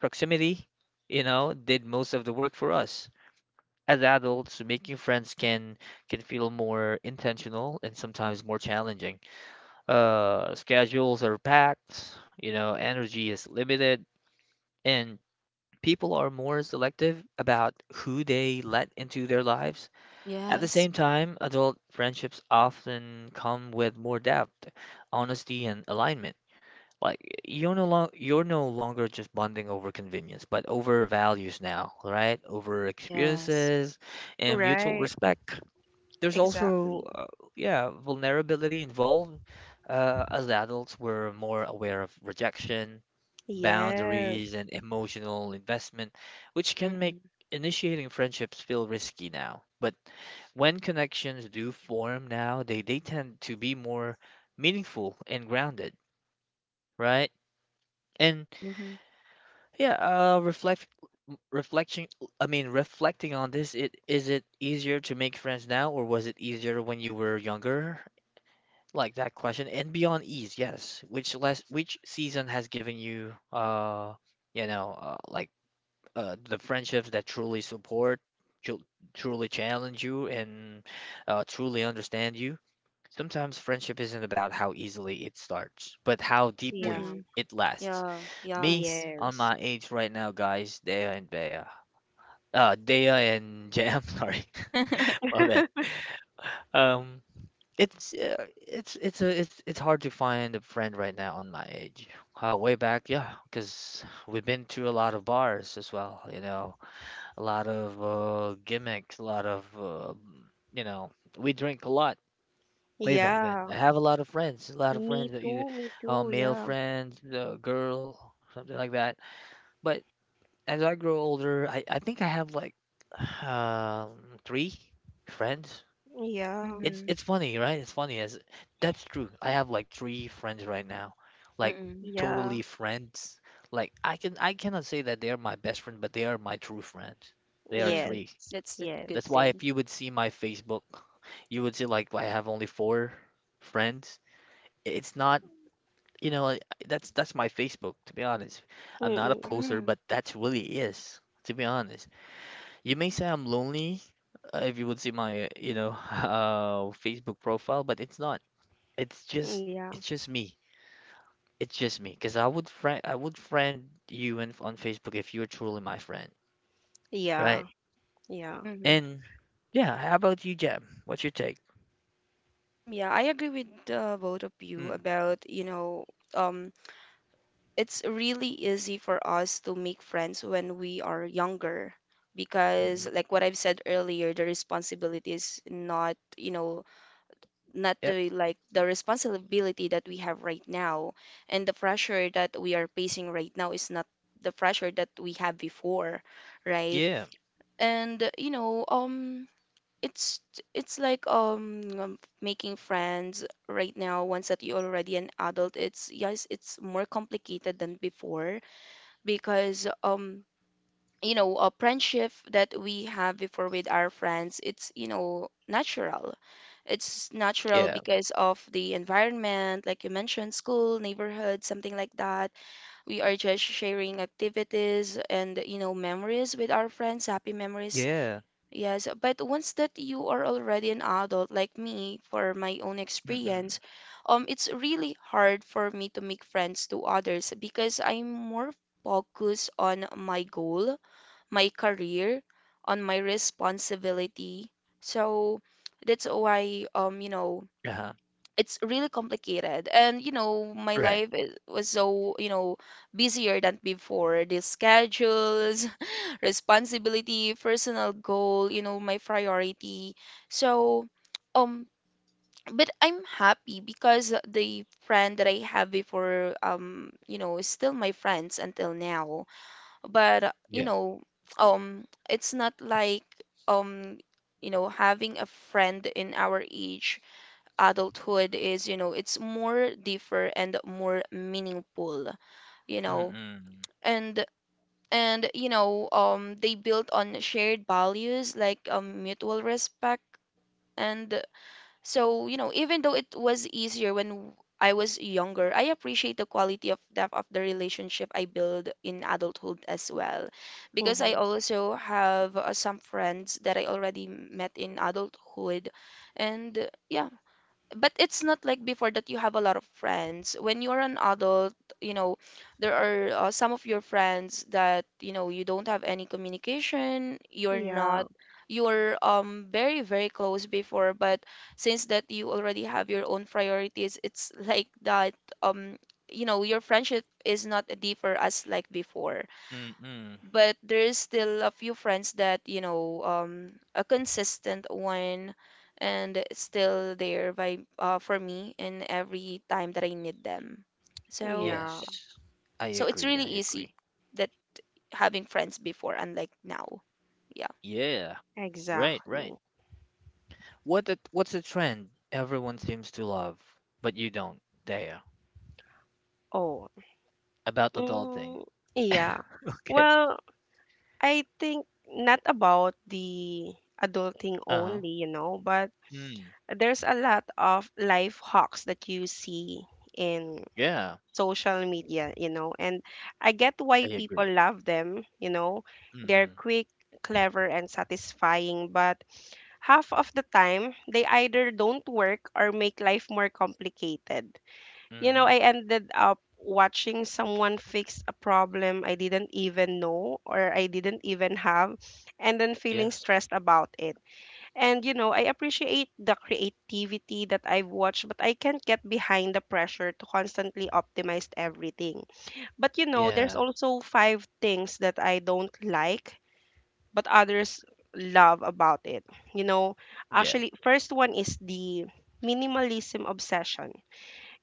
[SPEAKER 1] proximity, you know, did most of the work for us. As adults, making friends can feel more intentional and sometimes more challenging. Schedules are packed, you know, energy is limited, and people are more selective about who they let into their lives. At the
[SPEAKER 3] Yes,
[SPEAKER 1] same time, adult friendships often come with more depth, honesty, and alignment. Like you're no longer just bonding over convenience, but over values now, right? Over
[SPEAKER 3] yes.
[SPEAKER 1] experiences and mutual
[SPEAKER 2] right.
[SPEAKER 1] respect. There's also,
[SPEAKER 2] Exactly.
[SPEAKER 1] yeah, vulnerability involved. As adults, we're more aware of rejection, boundaries,
[SPEAKER 2] Yes.
[SPEAKER 1] and emotional investment, which can make
[SPEAKER 3] Mm-mm.
[SPEAKER 1] initiating friendships feel risky now. But when connections do form now, they tend to be more meaningful and grounded, right? And yeah, uh, reflect reflection, reflecting on this, it is it easier to make friends now or was it easier when you were younger, like that question, and beyond ease, yes, which season has given you you know like the friendships that truly support ju- truly challenge you and truly understand you. Sometimes friendship isn't about how easily it starts, but how deeply
[SPEAKER 2] Yeah.
[SPEAKER 3] Mm-hmm.
[SPEAKER 1] it lasts.
[SPEAKER 3] Yeah,
[SPEAKER 1] Me,
[SPEAKER 3] yes.
[SPEAKER 1] on
[SPEAKER 2] Yes.
[SPEAKER 1] my age right now, guys, Dea and Jam, sorry. My bad. um it's a it's it's hard to find a friend right now on my age. Way back, yeah, because we've been to a lot of bars as well, you know, a lot of gimmicks, a lot of you know, we drink a lot way back then.
[SPEAKER 2] Yeah.
[SPEAKER 1] I have a lot of friends, a lot of
[SPEAKER 2] Me
[SPEAKER 1] friends, either
[SPEAKER 2] too. Me too.
[SPEAKER 1] male
[SPEAKER 2] Yeah.
[SPEAKER 1] friends, girl, something like that. But as I grow older, I think I have like 3 friends.
[SPEAKER 2] Yeah.
[SPEAKER 1] it's
[SPEAKER 3] Mm-hmm.
[SPEAKER 1] it's funny, right? It's funny as that's true. I have like 3 friends right now, like
[SPEAKER 3] Mm-hmm.
[SPEAKER 2] Yeah.
[SPEAKER 1] totally friends. Like I cannot say that they are my best friend, but they are my true friends. They are
[SPEAKER 3] Mm-hmm.
[SPEAKER 2] Yes.
[SPEAKER 1] three.
[SPEAKER 3] That's the good
[SPEAKER 1] That's
[SPEAKER 2] Yes.
[SPEAKER 1] why
[SPEAKER 3] thing.
[SPEAKER 1] if you would see my Facebook, you would see like I have only 4 friends. It's not, you know, I- that's my Facebook, to be honest. I'm not a
[SPEAKER 2] Mm-mm.
[SPEAKER 1] poster,
[SPEAKER 3] Mm-hmm.
[SPEAKER 1] but that's really is, to be honest. You may say I'm lonely if you would see my, Facebook profile, but it's not. It's just
[SPEAKER 2] Yeah.
[SPEAKER 1] it's just me. It's just me. Because I would friend you on Facebook if you're truly my friend, right?
[SPEAKER 2] Yeah. Yeah.
[SPEAKER 3] Mm-hmm.
[SPEAKER 1] And yeah, how about you, Jeb? What's your take?
[SPEAKER 3] Yeah, I agree with both of you
[SPEAKER 1] Mm,
[SPEAKER 3] about, um, it's really easy for us to make friends when we are younger,
[SPEAKER 1] mm,
[SPEAKER 3] because, like what I've said earlier, the responsibility is not,
[SPEAKER 1] yep.
[SPEAKER 3] the, like, the responsibility that we have right now, and the pressure that we are facing right now is not the pressure that we had before, right?
[SPEAKER 1] Yeah.
[SPEAKER 3] And it's, it's like making friends right now, once that you're already an adult, it's, yes, it's more complicated than before, because a friendship that we have before with our friends, it's, natural. It's natural
[SPEAKER 1] Yeah.
[SPEAKER 3] because of the environment, like you mentioned, school, neighborhood, something like that. We are just sharing activities and, memories with our friends, happy memories.
[SPEAKER 1] Yeah.
[SPEAKER 3] Yes, but once that you are already an adult, like me, for my own
[SPEAKER 1] Mm-mm.
[SPEAKER 3] experience, it's really hard for me to make friends to others, because I'm more focused on my goal, my career, on my responsibility. So that's why,
[SPEAKER 1] Uh-huh.
[SPEAKER 3] it's really complicated, and my
[SPEAKER 1] Right.
[SPEAKER 3] life was so, busier than before, the schedules responsibility, personal goal, my priority. So um but I'm happy, because the friend that I have before, is still my friends until now. But
[SPEAKER 1] Yeah.
[SPEAKER 3] um it's not like, um having a friend in our age, adulthood, is, it's more deeper and more meaningful, you know
[SPEAKER 1] Mm-mm.
[SPEAKER 3] and and they built on shared values, like, mutual respect. And so, even though it was easier when I was younger, I appreciate the quality of depth of the relationship I build in adulthood as well. Because I
[SPEAKER 2] Mm-hmm.
[SPEAKER 3] also have some friends that I already met in adulthood. And yeah, but it's not like before that you have a lot of friends. When you're an adult, you know, there are some of your friends that, you don't have any communication, you're
[SPEAKER 2] Yeah.
[SPEAKER 3] not you're very very close before, but since that you already have your own priorities, it's like that, um your friendship is not deeper as like before.
[SPEAKER 1] Mm-mm.
[SPEAKER 3] But there's still a few friends that, a consistent one, and it's still there by for me, in every time that I need them. So
[SPEAKER 2] Yeah.
[SPEAKER 3] yeah.
[SPEAKER 1] Yes. I
[SPEAKER 3] So it's
[SPEAKER 1] agree.
[SPEAKER 3] really
[SPEAKER 1] I
[SPEAKER 3] easy,
[SPEAKER 1] agree.
[SPEAKER 3] that having friends before, unlike now. Yeah.
[SPEAKER 1] Yeah. Right, right.
[SPEAKER 2] Exactly.
[SPEAKER 1] What's the trend everyone seems to love, but you don't, Daya,
[SPEAKER 2] Oh.
[SPEAKER 1] about adulting?
[SPEAKER 2] Mm, yeah.
[SPEAKER 1] Okay.
[SPEAKER 2] Well, I think not about the adulting
[SPEAKER 1] Uh-huh.
[SPEAKER 2] only, you know, but
[SPEAKER 1] Mm.
[SPEAKER 2] there's a lot of life hacks that you see in
[SPEAKER 1] Yeah,
[SPEAKER 2] social media, you know. And I get why
[SPEAKER 1] I
[SPEAKER 2] people
[SPEAKER 1] agree.
[SPEAKER 2] love them, you know. They're
[SPEAKER 1] Mm-mm.
[SPEAKER 2] quick, clever, and satisfying, but half of the time, they either don't work or make life more complicated. You know,
[SPEAKER 1] Mm-hmm.
[SPEAKER 2] I ended up watching someone fix a problem I didn't even know or I didn't even have, and then feeling
[SPEAKER 1] Yes.
[SPEAKER 2] stressed about it. And you know, I appreciate the creativity that I've watched, but I can't get behind the pressure to constantly optimize everything. But you know, there's
[SPEAKER 1] Yeah.
[SPEAKER 2] also five things that I don't like, but others love about it. You know,
[SPEAKER 1] Yeah.
[SPEAKER 2] actually, first one is the minimalism obsession.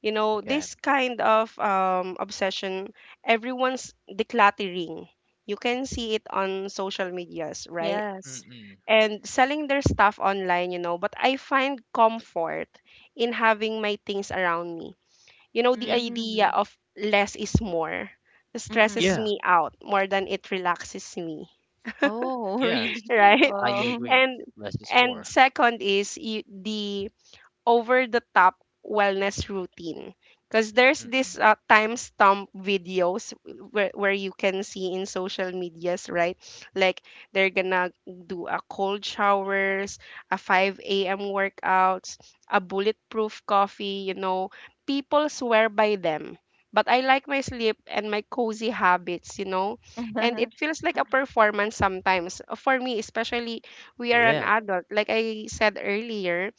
[SPEAKER 2] You know,
[SPEAKER 1] Okay.
[SPEAKER 2] this kind of obsession, everyone's decluttering. You can see it on social medias, right?
[SPEAKER 3] Yes.
[SPEAKER 1] Mm-mm.
[SPEAKER 2] And selling their stuff online, you know, but I find comfort in having my things around me. You know, the
[SPEAKER 1] Yeah.
[SPEAKER 2] idea
[SPEAKER 3] Mm-hmm.
[SPEAKER 2] of less is more stresses
[SPEAKER 3] Mm-mm.
[SPEAKER 1] Yeah.
[SPEAKER 2] me out more than it relaxes me,
[SPEAKER 3] Oh,
[SPEAKER 1] Yes.
[SPEAKER 3] really?
[SPEAKER 2] right?
[SPEAKER 1] I
[SPEAKER 3] Oh.
[SPEAKER 1] agree.
[SPEAKER 2] And
[SPEAKER 1] Less is
[SPEAKER 2] and
[SPEAKER 1] more.
[SPEAKER 2] second is the over the top wellness routine because there's this
[SPEAKER 1] Mm-mm.
[SPEAKER 2] timestamp videos where you can see in social medias, right, like they're gonna do a cold showers, a 5 a.m workouts, a bulletproof coffee, you know, people swear by them, but I like my sleep and my cozy habits, you know. And it feels like a performance sometimes, for me especially. We are an
[SPEAKER 1] Yeah.
[SPEAKER 2] adult, like I said earlier.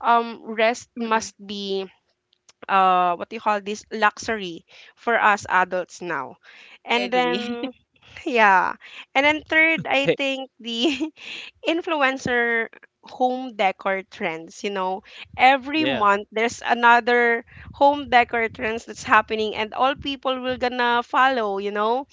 [SPEAKER 2] Rest
[SPEAKER 3] Mm-mm.
[SPEAKER 2] must be what do you call this, luxury for us adults now.
[SPEAKER 3] I
[SPEAKER 2] And
[SPEAKER 3] agree.
[SPEAKER 2] then yeah, and then third, I
[SPEAKER 1] Okay.
[SPEAKER 2] think the influencer home decor trends, you know, every
[SPEAKER 1] Yeah.
[SPEAKER 2] month there's another home decor trends that's happening and all people will gonna follow, you know,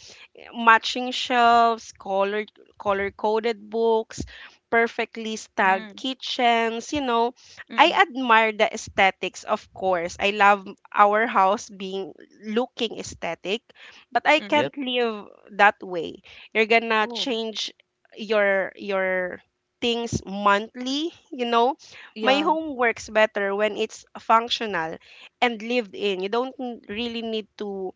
[SPEAKER 2] matching shelves, color color coded books, perfectly styled
[SPEAKER 3] Mm,
[SPEAKER 2] kitchens, you know. I
[SPEAKER 3] mm-mm,
[SPEAKER 2] admire the aesthetics, of course. I love our house being looking aesthetic, but I
[SPEAKER 3] mm-mm.
[SPEAKER 1] Yep.
[SPEAKER 2] can't live that way. You're gonna
[SPEAKER 3] Oh,
[SPEAKER 2] change your things monthly, you know. My
[SPEAKER 3] yeah.
[SPEAKER 2] home works better when it's functional and lived in. You don't really need to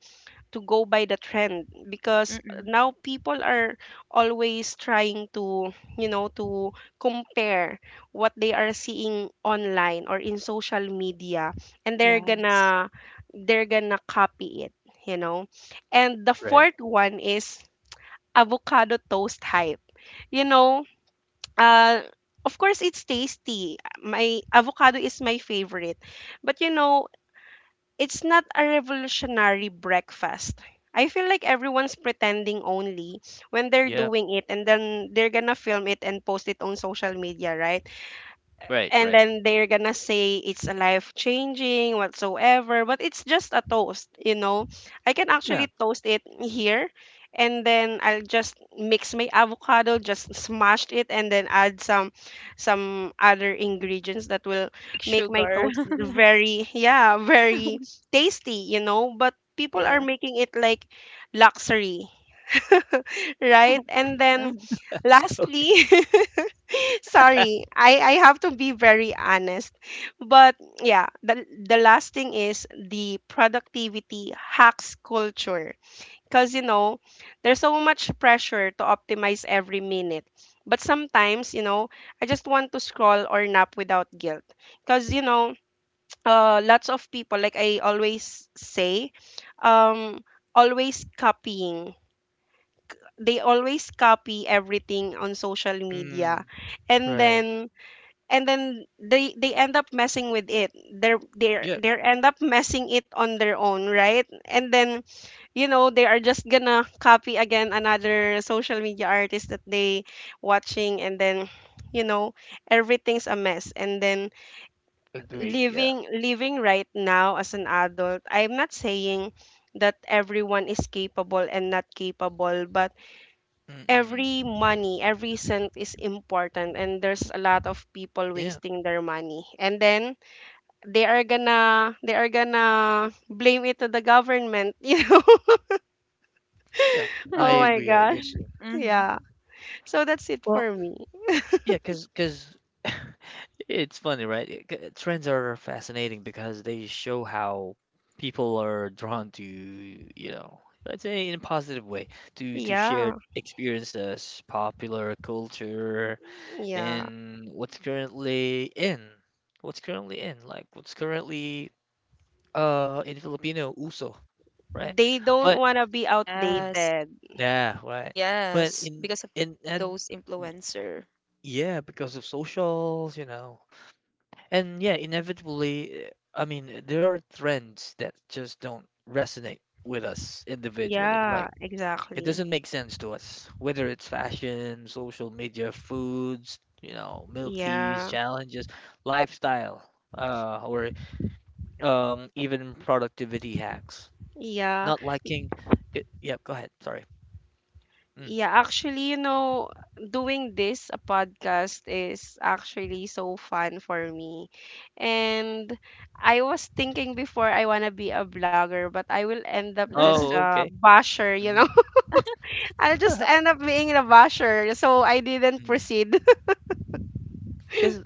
[SPEAKER 2] go by the trend because
[SPEAKER 3] Mm-mm.
[SPEAKER 2] now people are always trying to, you know, to compare what they are seeing online or in social media, and they're
[SPEAKER 3] Yes.
[SPEAKER 2] gonna they're gonna copy it, you know. And the
[SPEAKER 1] Right.
[SPEAKER 2] fourth one is avocado toast hype, you know. uh of course it's tasty, my avocado is my favorite, but you know, it's not a revolutionary breakfast. I feel like everyone's pretending only when they're
[SPEAKER 1] Yep.
[SPEAKER 2] doing it and then they're gonna film it and post it on social media, right?
[SPEAKER 1] Right.
[SPEAKER 2] And
[SPEAKER 1] Right.
[SPEAKER 2] then they're gonna say it's a life changing whatsoever, but it's just a toast, you know. I can actually
[SPEAKER 1] Yeah.
[SPEAKER 2] toast it here and then I'll just mix my avocado, just smashed it, and then add some other ingredients that will
[SPEAKER 3] Like
[SPEAKER 2] make my
[SPEAKER 3] sugar.
[SPEAKER 2] toast very, yeah, very tasty, you know. But people are
[SPEAKER 3] Yeah.
[SPEAKER 2] making it like luxury. Right, and then lastly, sorry, I have to be very honest. But yeah, the last thing is the productivity hacks culture. Because, you know, there's so much pressure to optimize every minute. But sometimes, you know, I just want to scroll or nap without guilt. Because, you know, lots of people, like I always say, um, always copying. They always copy everything on social media.
[SPEAKER 1] Mm,
[SPEAKER 2] And
[SPEAKER 1] right.
[SPEAKER 2] then and then they end up messing with it. they're they're
[SPEAKER 1] Yep.
[SPEAKER 2] they are end up messing it on their own, right? And then, you know, they are just gonna copy again another social media artist that they watching. And then, you know, everything's a mess. And then
[SPEAKER 1] Agree. Yeah.
[SPEAKER 2] living right now as an adult, I'm not saying that everyone is capable and not capable, but
[SPEAKER 1] Mm-mm.
[SPEAKER 2] every money, every cent is important, and there's a lot of people
[SPEAKER 1] Yeah.
[SPEAKER 2] wasting their money. And then they are gonna blame it to the government, you know.
[SPEAKER 1] Yeah. I
[SPEAKER 2] Oh
[SPEAKER 3] Mhm.
[SPEAKER 2] my
[SPEAKER 1] agree. I agree.
[SPEAKER 2] gosh.
[SPEAKER 3] Mhm.
[SPEAKER 2] Yeah. So that's it
[SPEAKER 1] Well,
[SPEAKER 2] for me.
[SPEAKER 1] yeah, because it's funny, right? Trends are fascinating because they show how people are drawn to, you know, let's say in a positive way, to shared
[SPEAKER 2] Yeah.
[SPEAKER 1] experiences, popular culture,
[SPEAKER 2] Yeah.
[SPEAKER 1] and what's currently in, like what's currently in Filipino uso, right?
[SPEAKER 2] They don't
[SPEAKER 1] But
[SPEAKER 2] want to be
[SPEAKER 1] mm,
[SPEAKER 3] Yes.
[SPEAKER 2] outdated.
[SPEAKER 1] yeah, right. But
[SPEAKER 3] Yes. Because of
[SPEAKER 1] in and
[SPEAKER 3] those influencer.
[SPEAKER 1] yeah, because of socials, you know. And yeah, inevitably, there are trends that just don't resonate with us individually.
[SPEAKER 2] Yeah,
[SPEAKER 1] Like, it
[SPEAKER 2] exactly.
[SPEAKER 1] doesn't make sense to us, whether it's fashion, social media, foods, you know, milk teas,
[SPEAKER 2] Yeah.
[SPEAKER 1] challenges, lifestyle, or even productivity hacks.
[SPEAKER 2] Yeah.
[SPEAKER 1] Not liking it. Yep, go ahead. Sorry. Mm.
[SPEAKER 2] Yeah, actually, you know, doing this a podcast is actually so fun for me. And I was thinking before I want to be a blogger, but I will end up just
[SPEAKER 1] Oh,
[SPEAKER 2] a
[SPEAKER 1] okay.
[SPEAKER 2] basher, you know. I'll just end up being a basher, so I didn't proceed.
[SPEAKER 1] Because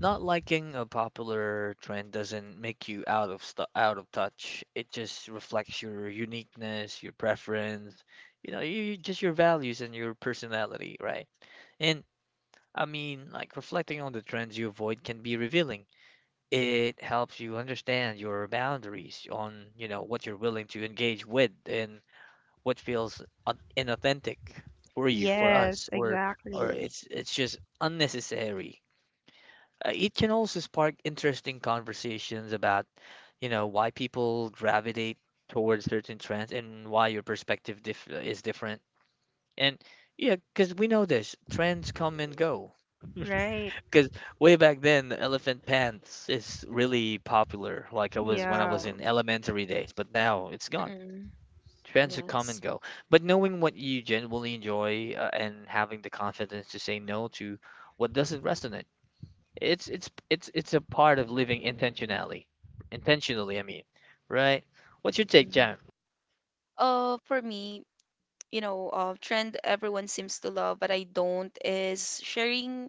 [SPEAKER 1] not liking a popular trend doesn't make you out of touch. It just reflects your uniqueness, your preference, you know, just your values and your personality, right? And reflecting on the trends you avoid can be revealing. It helps you understand your boundaries on, you know, what you're willing to engage with and what feels inauthentic for you, for
[SPEAKER 2] Yes,
[SPEAKER 1] us, or
[SPEAKER 2] exactly.
[SPEAKER 1] it's just unnecessary. It can also spark interesting conversations about, you know, why people gravitate towards certain trends and why your perspective diff is different. And yeah, because we know this, trends come and go.
[SPEAKER 2] Right.
[SPEAKER 1] Because way back then, the elephant pants is really popular, like I was when I
[SPEAKER 2] Yeah.
[SPEAKER 1] was in elementary days, but now it's gone.
[SPEAKER 3] Mm-mm.
[SPEAKER 1] Trends are come and
[SPEAKER 3] Yes.
[SPEAKER 1] go. But knowing what you genuinely enjoy and having the confidence to say no to what doesn't resonate, it's a part of living intentionally, right. What's your take,
[SPEAKER 3] Mm-hmm.
[SPEAKER 1] Jam?
[SPEAKER 3] For me, trend everyone seems to love, but I don't, is sharing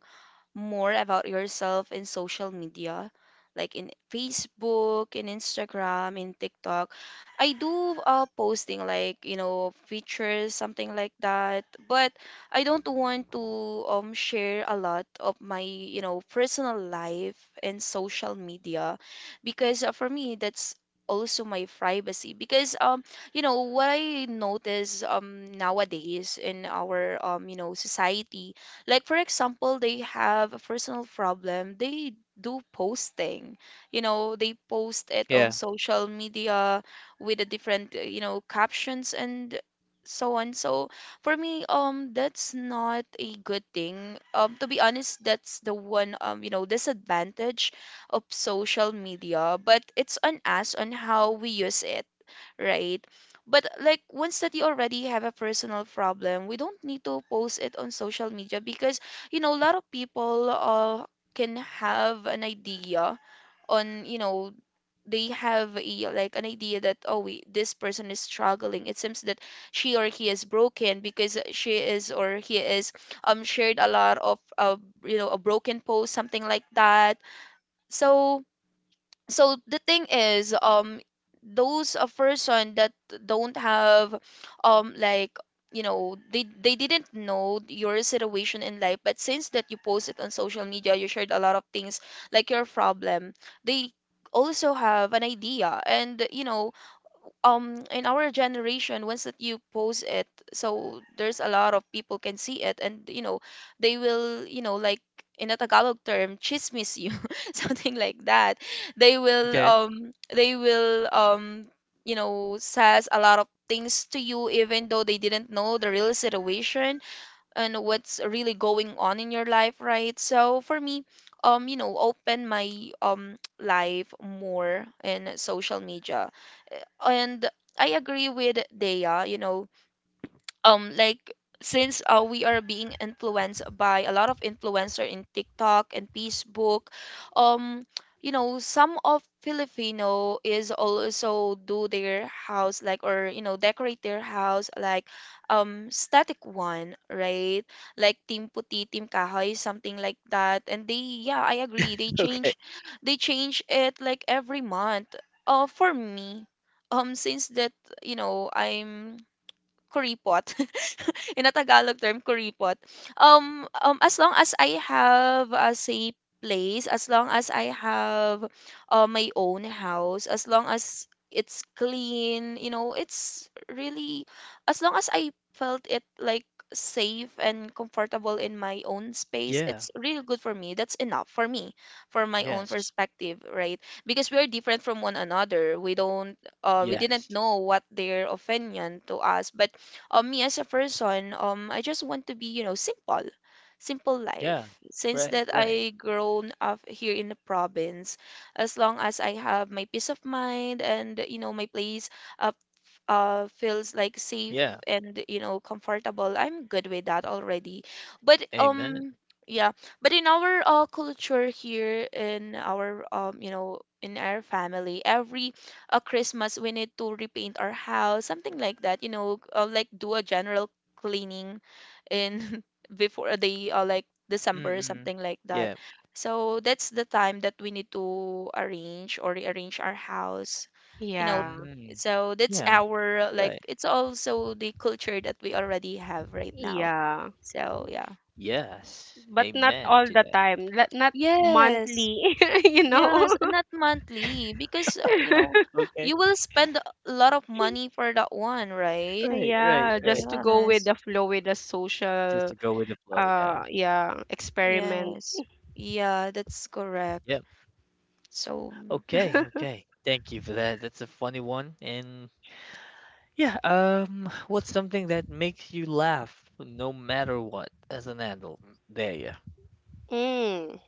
[SPEAKER 3] more about yourself in social media, like in Facebook, in Instagram, in TikTok. I do posting, like, features, something like that. But I don't want to share a lot of my, personal life in social media, because for me that's also my privacy. Because what I notice nowadays in our, society, like for example, they have a personal problem, they do posting, they post it on
[SPEAKER 1] Yeah.
[SPEAKER 3] social media, with the different captions and so on. So for me, that's not a good thing, to be honest. That's the one, disadvantage of social media. But it's on us on how we use it, right? But like once that you already have a personal problem, we don't need to post it on social media, because a lot of people, can have an idea on, they have a like an idea that, oh, this person is struggling. It seems that she or he is broken, because she is or he is, shared a lot of a broken post, something like that. So so the thing is, those a person that don't have, like, they didn't know your situation in life, but since that you post it on social media, you shared a lot of things, like your problem. They also have an idea, and in our generation, once that you post it, so there's a lot of people can see it, and they will, like, in a tagalog term, chismis, you something like that. They will
[SPEAKER 1] Okay.
[SPEAKER 3] says a lot of things to you, even though they didn't know the real situation and what's really going on in your life, right? So for me, open my life more in social media. And I agree with Dea, like since we are being influenced by a lot of influencer in TikTok and Facebook, um, some of Filipino is also do their house, like, or, decorate their house, like, static one, right? Like Team Puti, Team Kahoy, something like that. And they yeah, I agree, They
[SPEAKER 1] Okay.
[SPEAKER 3] change they change it like every month. For me, since that, I'm kuripot, in a Tagalog term, kuripot. As long as I have a safe place, as long as I have my own house, as long as it's clean, it's really, as long as I felt it like safe and comfortable in my own space,
[SPEAKER 1] Yeah.
[SPEAKER 3] it's really good for me. That's enough for me, for my own
[SPEAKER 1] Yes.
[SPEAKER 3] perspective, right? Because we're different from one another. We don't, we didn't
[SPEAKER 1] Yes.
[SPEAKER 3] know what their opinion to us, but me as a person, I just want to be, simple, simple
[SPEAKER 1] Yeah.
[SPEAKER 3] life, since
[SPEAKER 1] Right,
[SPEAKER 3] that
[SPEAKER 1] right.
[SPEAKER 3] I grown up here in the province. As long as I have my peace of mind and, my place feels like safe
[SPEAKER 1] Yeah.
[SPEAKER 3] and, comfortable, I'm good with that already. But
[SPEAKER 1] Amen.
[SPEAKER 3] yeah, but in our, culture here, in our, in our family, every, a Christmas we need to repaint our house, something like that, like do a general cleaning in before the like December,
[SPEAKER 1] Mm-mm.
[SPEAKER 3] something like that.
[SPEAKER 1] Yeah.
[SPEAKER 3] So that's the time that we need to arrange or rearrange our house, you know.
[SPEAKER 2] Yeah.
[SPEAKER 1] Mm.
[SPEAKER 3] So that's
[SPEAKER 1] Yeah.
[SPEAKER 3] our, like,
[SPEAKER 1] Right.
[SPEAKER 3] it's also the culture that we already have right now.
[SPEAKER 2] Yeah.
[SPEAKER 3] So yeah.
[SPEAKER 1] Yes,
[SPEAKER 2] But not
[SPEAKER 1] amen
[SPEAKER 2] all
[SPEAKER 1] to
[SPEAKER 2] the
[SPEAKER 1] that.
[SPEAKER 2] time. Not
[SPEAKER 3] Yes.
[SPEAKER 2] monthly, you
[SPEAKER 3] Yes,
[SPEAKER 2] know.
[SPEAKER 3] and not monthly, because
[SPEAKER 1] Okay.
[SPEAKER 3] you will spend a lot of money for that one, right?
[SPEAKER 1] Right, right,
[SPEAKER 2] Yeah,
[SPEAKER 1] right.
[SPEAKER 2] just to go with
[SPEAKER 3] Yes,
[SPEAKER 2] the flow with the
[SPEAKER 1] Just
[SPEAKER 2] social
[SPEAKER 1] to go with the flow, yeah.
[SPEAKER 2] yeah, experiment.
[SPEAKER 3] yes, yeah, that's correct.
[SPEAKER 1] Yep.
[SPEAKER 3] So mm, yeah.
[SPEAKER 1] Okay, okay, thank you for that, that's a funny one. And yeah, what's something that makes you laugh no matter what as an adult? There, yeah.
[SPEAKER 2] Mm.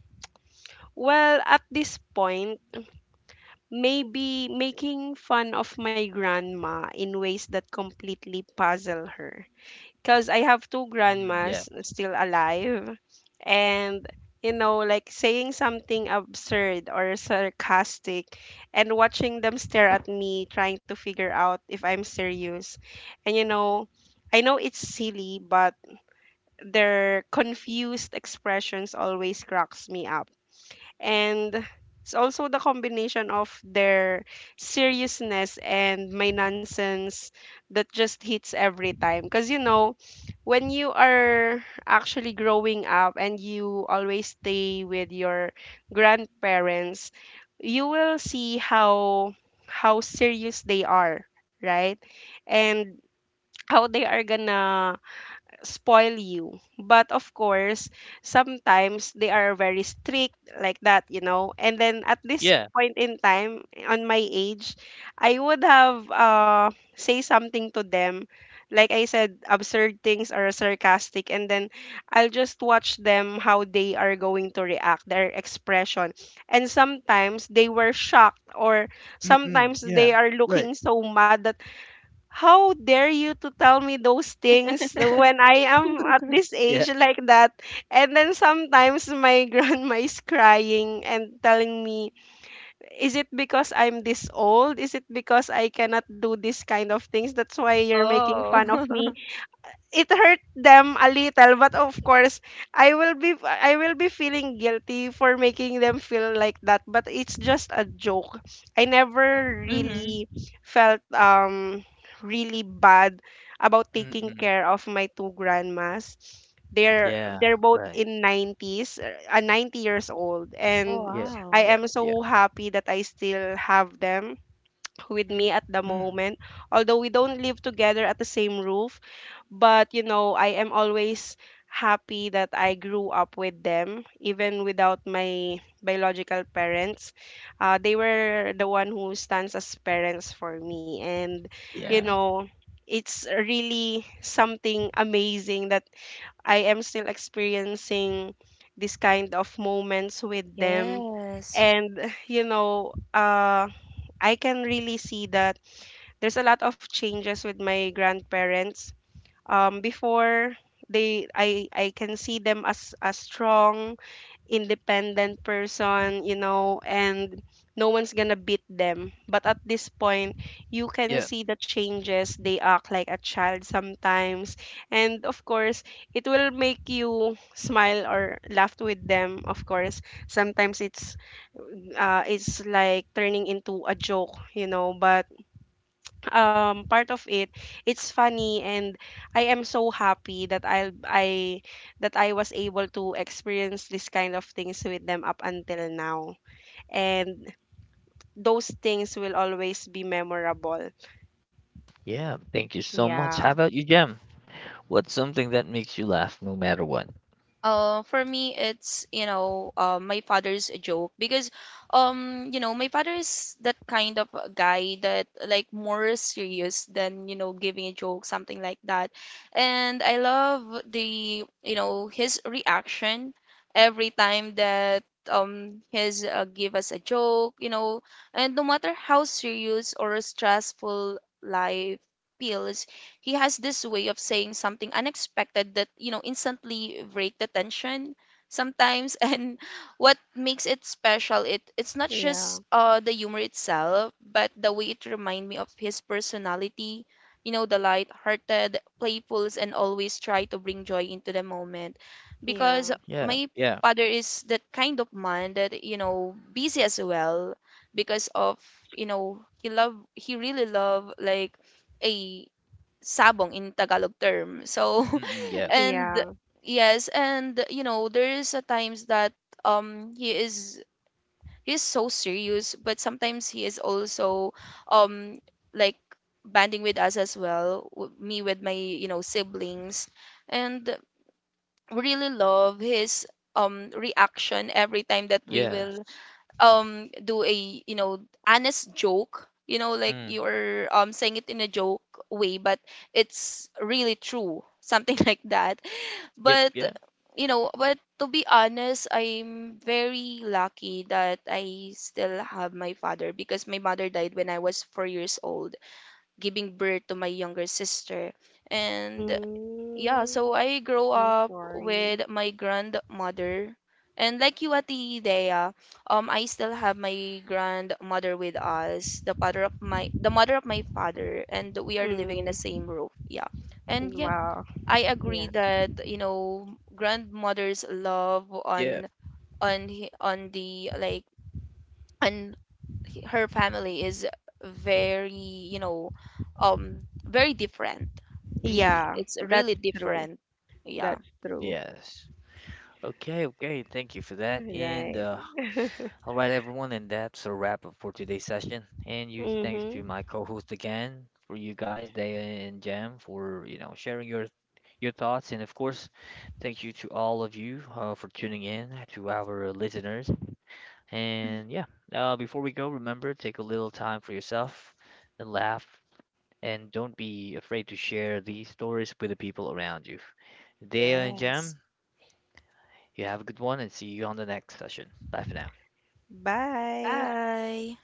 [SPEAKER 2] Well, at this point, maybe making fun of my grandma in ways that completely puzzle her, because I have two
[SPEAKER 1] Mm, yeah.
[SPEAKER 2] grandmas still alive. And, you know, like saying something absurd or sarcastic and watching them stare at me trying to figure out if I'm serious. And, you know, I know it's silly, but their confused expressions always cracks me up, and it's also the combination of their seriousness and my nonsense that just hits every time. Because you know, when you are actually growing up and you always stay with your grandparents, you will see how serious they are, right? And how they are gonna spoil you. But of course, sometimes they are very strict like that, you know. And then at this
[SPEAKER 1] Yeah.
[SPEAKER 2] point in time, on my age, I would have say something to them. Like I said, absurd things or sarcastic, and then I'll just watch them how they are going to react, their expression. And sometimes they were shocked, or
[SPEAKER 1] Mm-mm,
[SPEAKER 2] sometimes they
[SPEAKER 1] yeah,
[SPEAKER 2] are
[SPEAKER 1] right.
[SPEAKER 2] looking so mad that how dare you to tell me those things when I am at this
[SPEAKER 1] Yeah.
[SPEAKER 2] age like that? And then sometimes my grandma is crying and telling me, is it because I'm this old? Is it because I cannot do this kind of things? That's why you're making
[SPEAKER 3] Oh.
[SPEAKER 2] fun of me. It hurt them a little, but of course I will be feeling guilty for making them feel like that, but it's just a joke. I never
[SPEAKER 3] Mm-hmm.
[SPEAKER 2] really felt really bad about taking
[SPEAKER 1] Mm-mm.
[SPEAKER 2] care of my two grandmas. they're
[SPEAKER 1] Yeah,
[SPEAKER 2] they're both
[SPEAKER 1] right.
[SPEAKER 2] in 90s, 90 years old,
[SPEAKER 3] Oh
[SPEAKER 2] and
[SPEAKER 1] Yeah.
[SPEAKER 2] I
[SPEAKER 3] wow.
[SPEAKER 1] Yeah.
[SPEAKER 2] am
[SPEAKER 1] Yeah.
[SPEAKER 2] so happy that I still have them with
[SPEAKER 3] Mm-hmm.
[SPEAKER 2] me at the
[SPEAKER 1] Mm.
[SPEAKER 2] moment. Although we don't live together at the same roof, but you know, I am always happy that I grew up with them even without my biological parents. They were the one who stands as parents for me. And you
[SPEAKER 1] Yeah.
[SPEAKER 3] Mm-mm.
[SPEAKER 2] know, it's really something amazing that I am still experiencing this kind of moments with them.
[SPEAKER 3] Yes.
[SPEAKER 2] And you know, I can really see that there's a lot of changes with my grandparents. Before they I can see them as a strong independent person, you know, and no one's gonna beat them. But at this point, you can
[SPEAKER 1] Yeah.
[SPEAKER 2] see the changes. They act like a child sometimes, and of course it will make you smile or laugh with them. Of course sometimes it's like turning into a joke, you know, but part of it, it's funny. And I am so happy that I that I was able to experience this kind of things with them up until now, and those things will always be memorable.
[SPEAKER 1] Yeah. Thank you so much.
[SPEAKER 2] Yeah.
[SPEAKER 1] How about you, Jem? What's something that makes you laugh no matter what?
[SPEAKER 3] For me, it's, my father's joke, because, my father is that kind of a guy that, like, more serious than, giving a joke, something like that. And I love the, his reaction every time that, his give us a joke, and no matter how serious or stressful life feels, he has this way of saying something unexpected that, instantly break the tension sometimes. And what makes it special, it's not
[SPEAKER 2] Yeah.
[SPEAKER 3] just the humor itself, but the way it remind me of his personality. The light-hearted, playful, and always try to bring joy into the moment.
[SPEAKER 2] Yeah.
[SPEAKER 3] Because
[SPEAKER 1] Yeah.
[SPEAKER 3] my
[SPEAKER 1] Yeah.
[SPEAKER 3] father is that kind of man that, busy as well, because of, he really love like a sabong in Tagalog term. So,
[SPEAKER 1] Mm-mm. Yeah.
[SPEAKER 3] and
[SPEAKER 2] Yeah.
[SPEAKER 3] yes, and there is a times that, um he is he is so serious, but sometimes he is also, um like banding with us as well, me with my, siblings, and we really love his, reaction every time that we
[SPEAKER 1] Yeah.
[SPEAKER 3] will, do a, honest joke, like
[SPEAKER 1] Mm.
[SPEAKER 3] you're, saying it in a joke way, but it's really true, something like that.
[SPEAKER 1] Yep.
[SPEAKER 3] But
[SPEAKER 1] Yeah.
[SPEAKER 3] but to be honest, I'm very lucky that I still have my father, because my mother died when I was 4 years old giving birth to my younger sister. And yeah,
[SPEAKER 2] Mm,
[SPEAKER 3] so I grow
[SPEAKER 2] I'm
[SPEAKER 3] up
[SPEAKER 2] sorry.
[SPEAKER 3] with my grandmother. And like you, Ate Dea, I still have my grandmother with us, the mother of my father, and we are living in the
[SPEAKER 2] Mm,
[SPEAKER 3] same roof. Yeah. And yeah,
[SPEAKER 2] wow.
[SPEAKER 3] I agree
[SPEAKER 2] Yeah.
[SPEAKER 3] that, grandmother's love
[SPEAKER 1] Yeah.
[SPEAKER 3] on hi- on the like on her family is very, you know, very different, really.
[SPEAKER 2] Yeah.
[SPEAKER 3] It's really
[SPEAKER 2] That's true.
[SPEAKER 3] different. Yeah.
[SPEAKER 2] That's true.
[SPEAKER 1] Yes. Okay. Okay. Thank you for that. And
[SPEAKER 2] Right.
[SPEAKER 1] all right, everyone, and that's a wrap up for today's session. And huge thanks to
[SPEAKER 2] Mm-hmm.
[SPEAKER 1] my co-host again for you guys, Day and Jam, for you know sharing your thoughts, and of course, thank you to all of you for tuning in to our listeners.
[SPEAKER 3] Mm.
[SPEAKER 1] And yeah, before we go, remember take a little time for yourself and laugh, and don't be afraid to share these stories with the people around you. Day and
[SPEAKER 3] Yes.
[SPEAKER 1] Jam, you have a good one, and see you on the next session. Bye for now.
[SPEAKER 2] Bye.
[SPEAKER 3] Bye.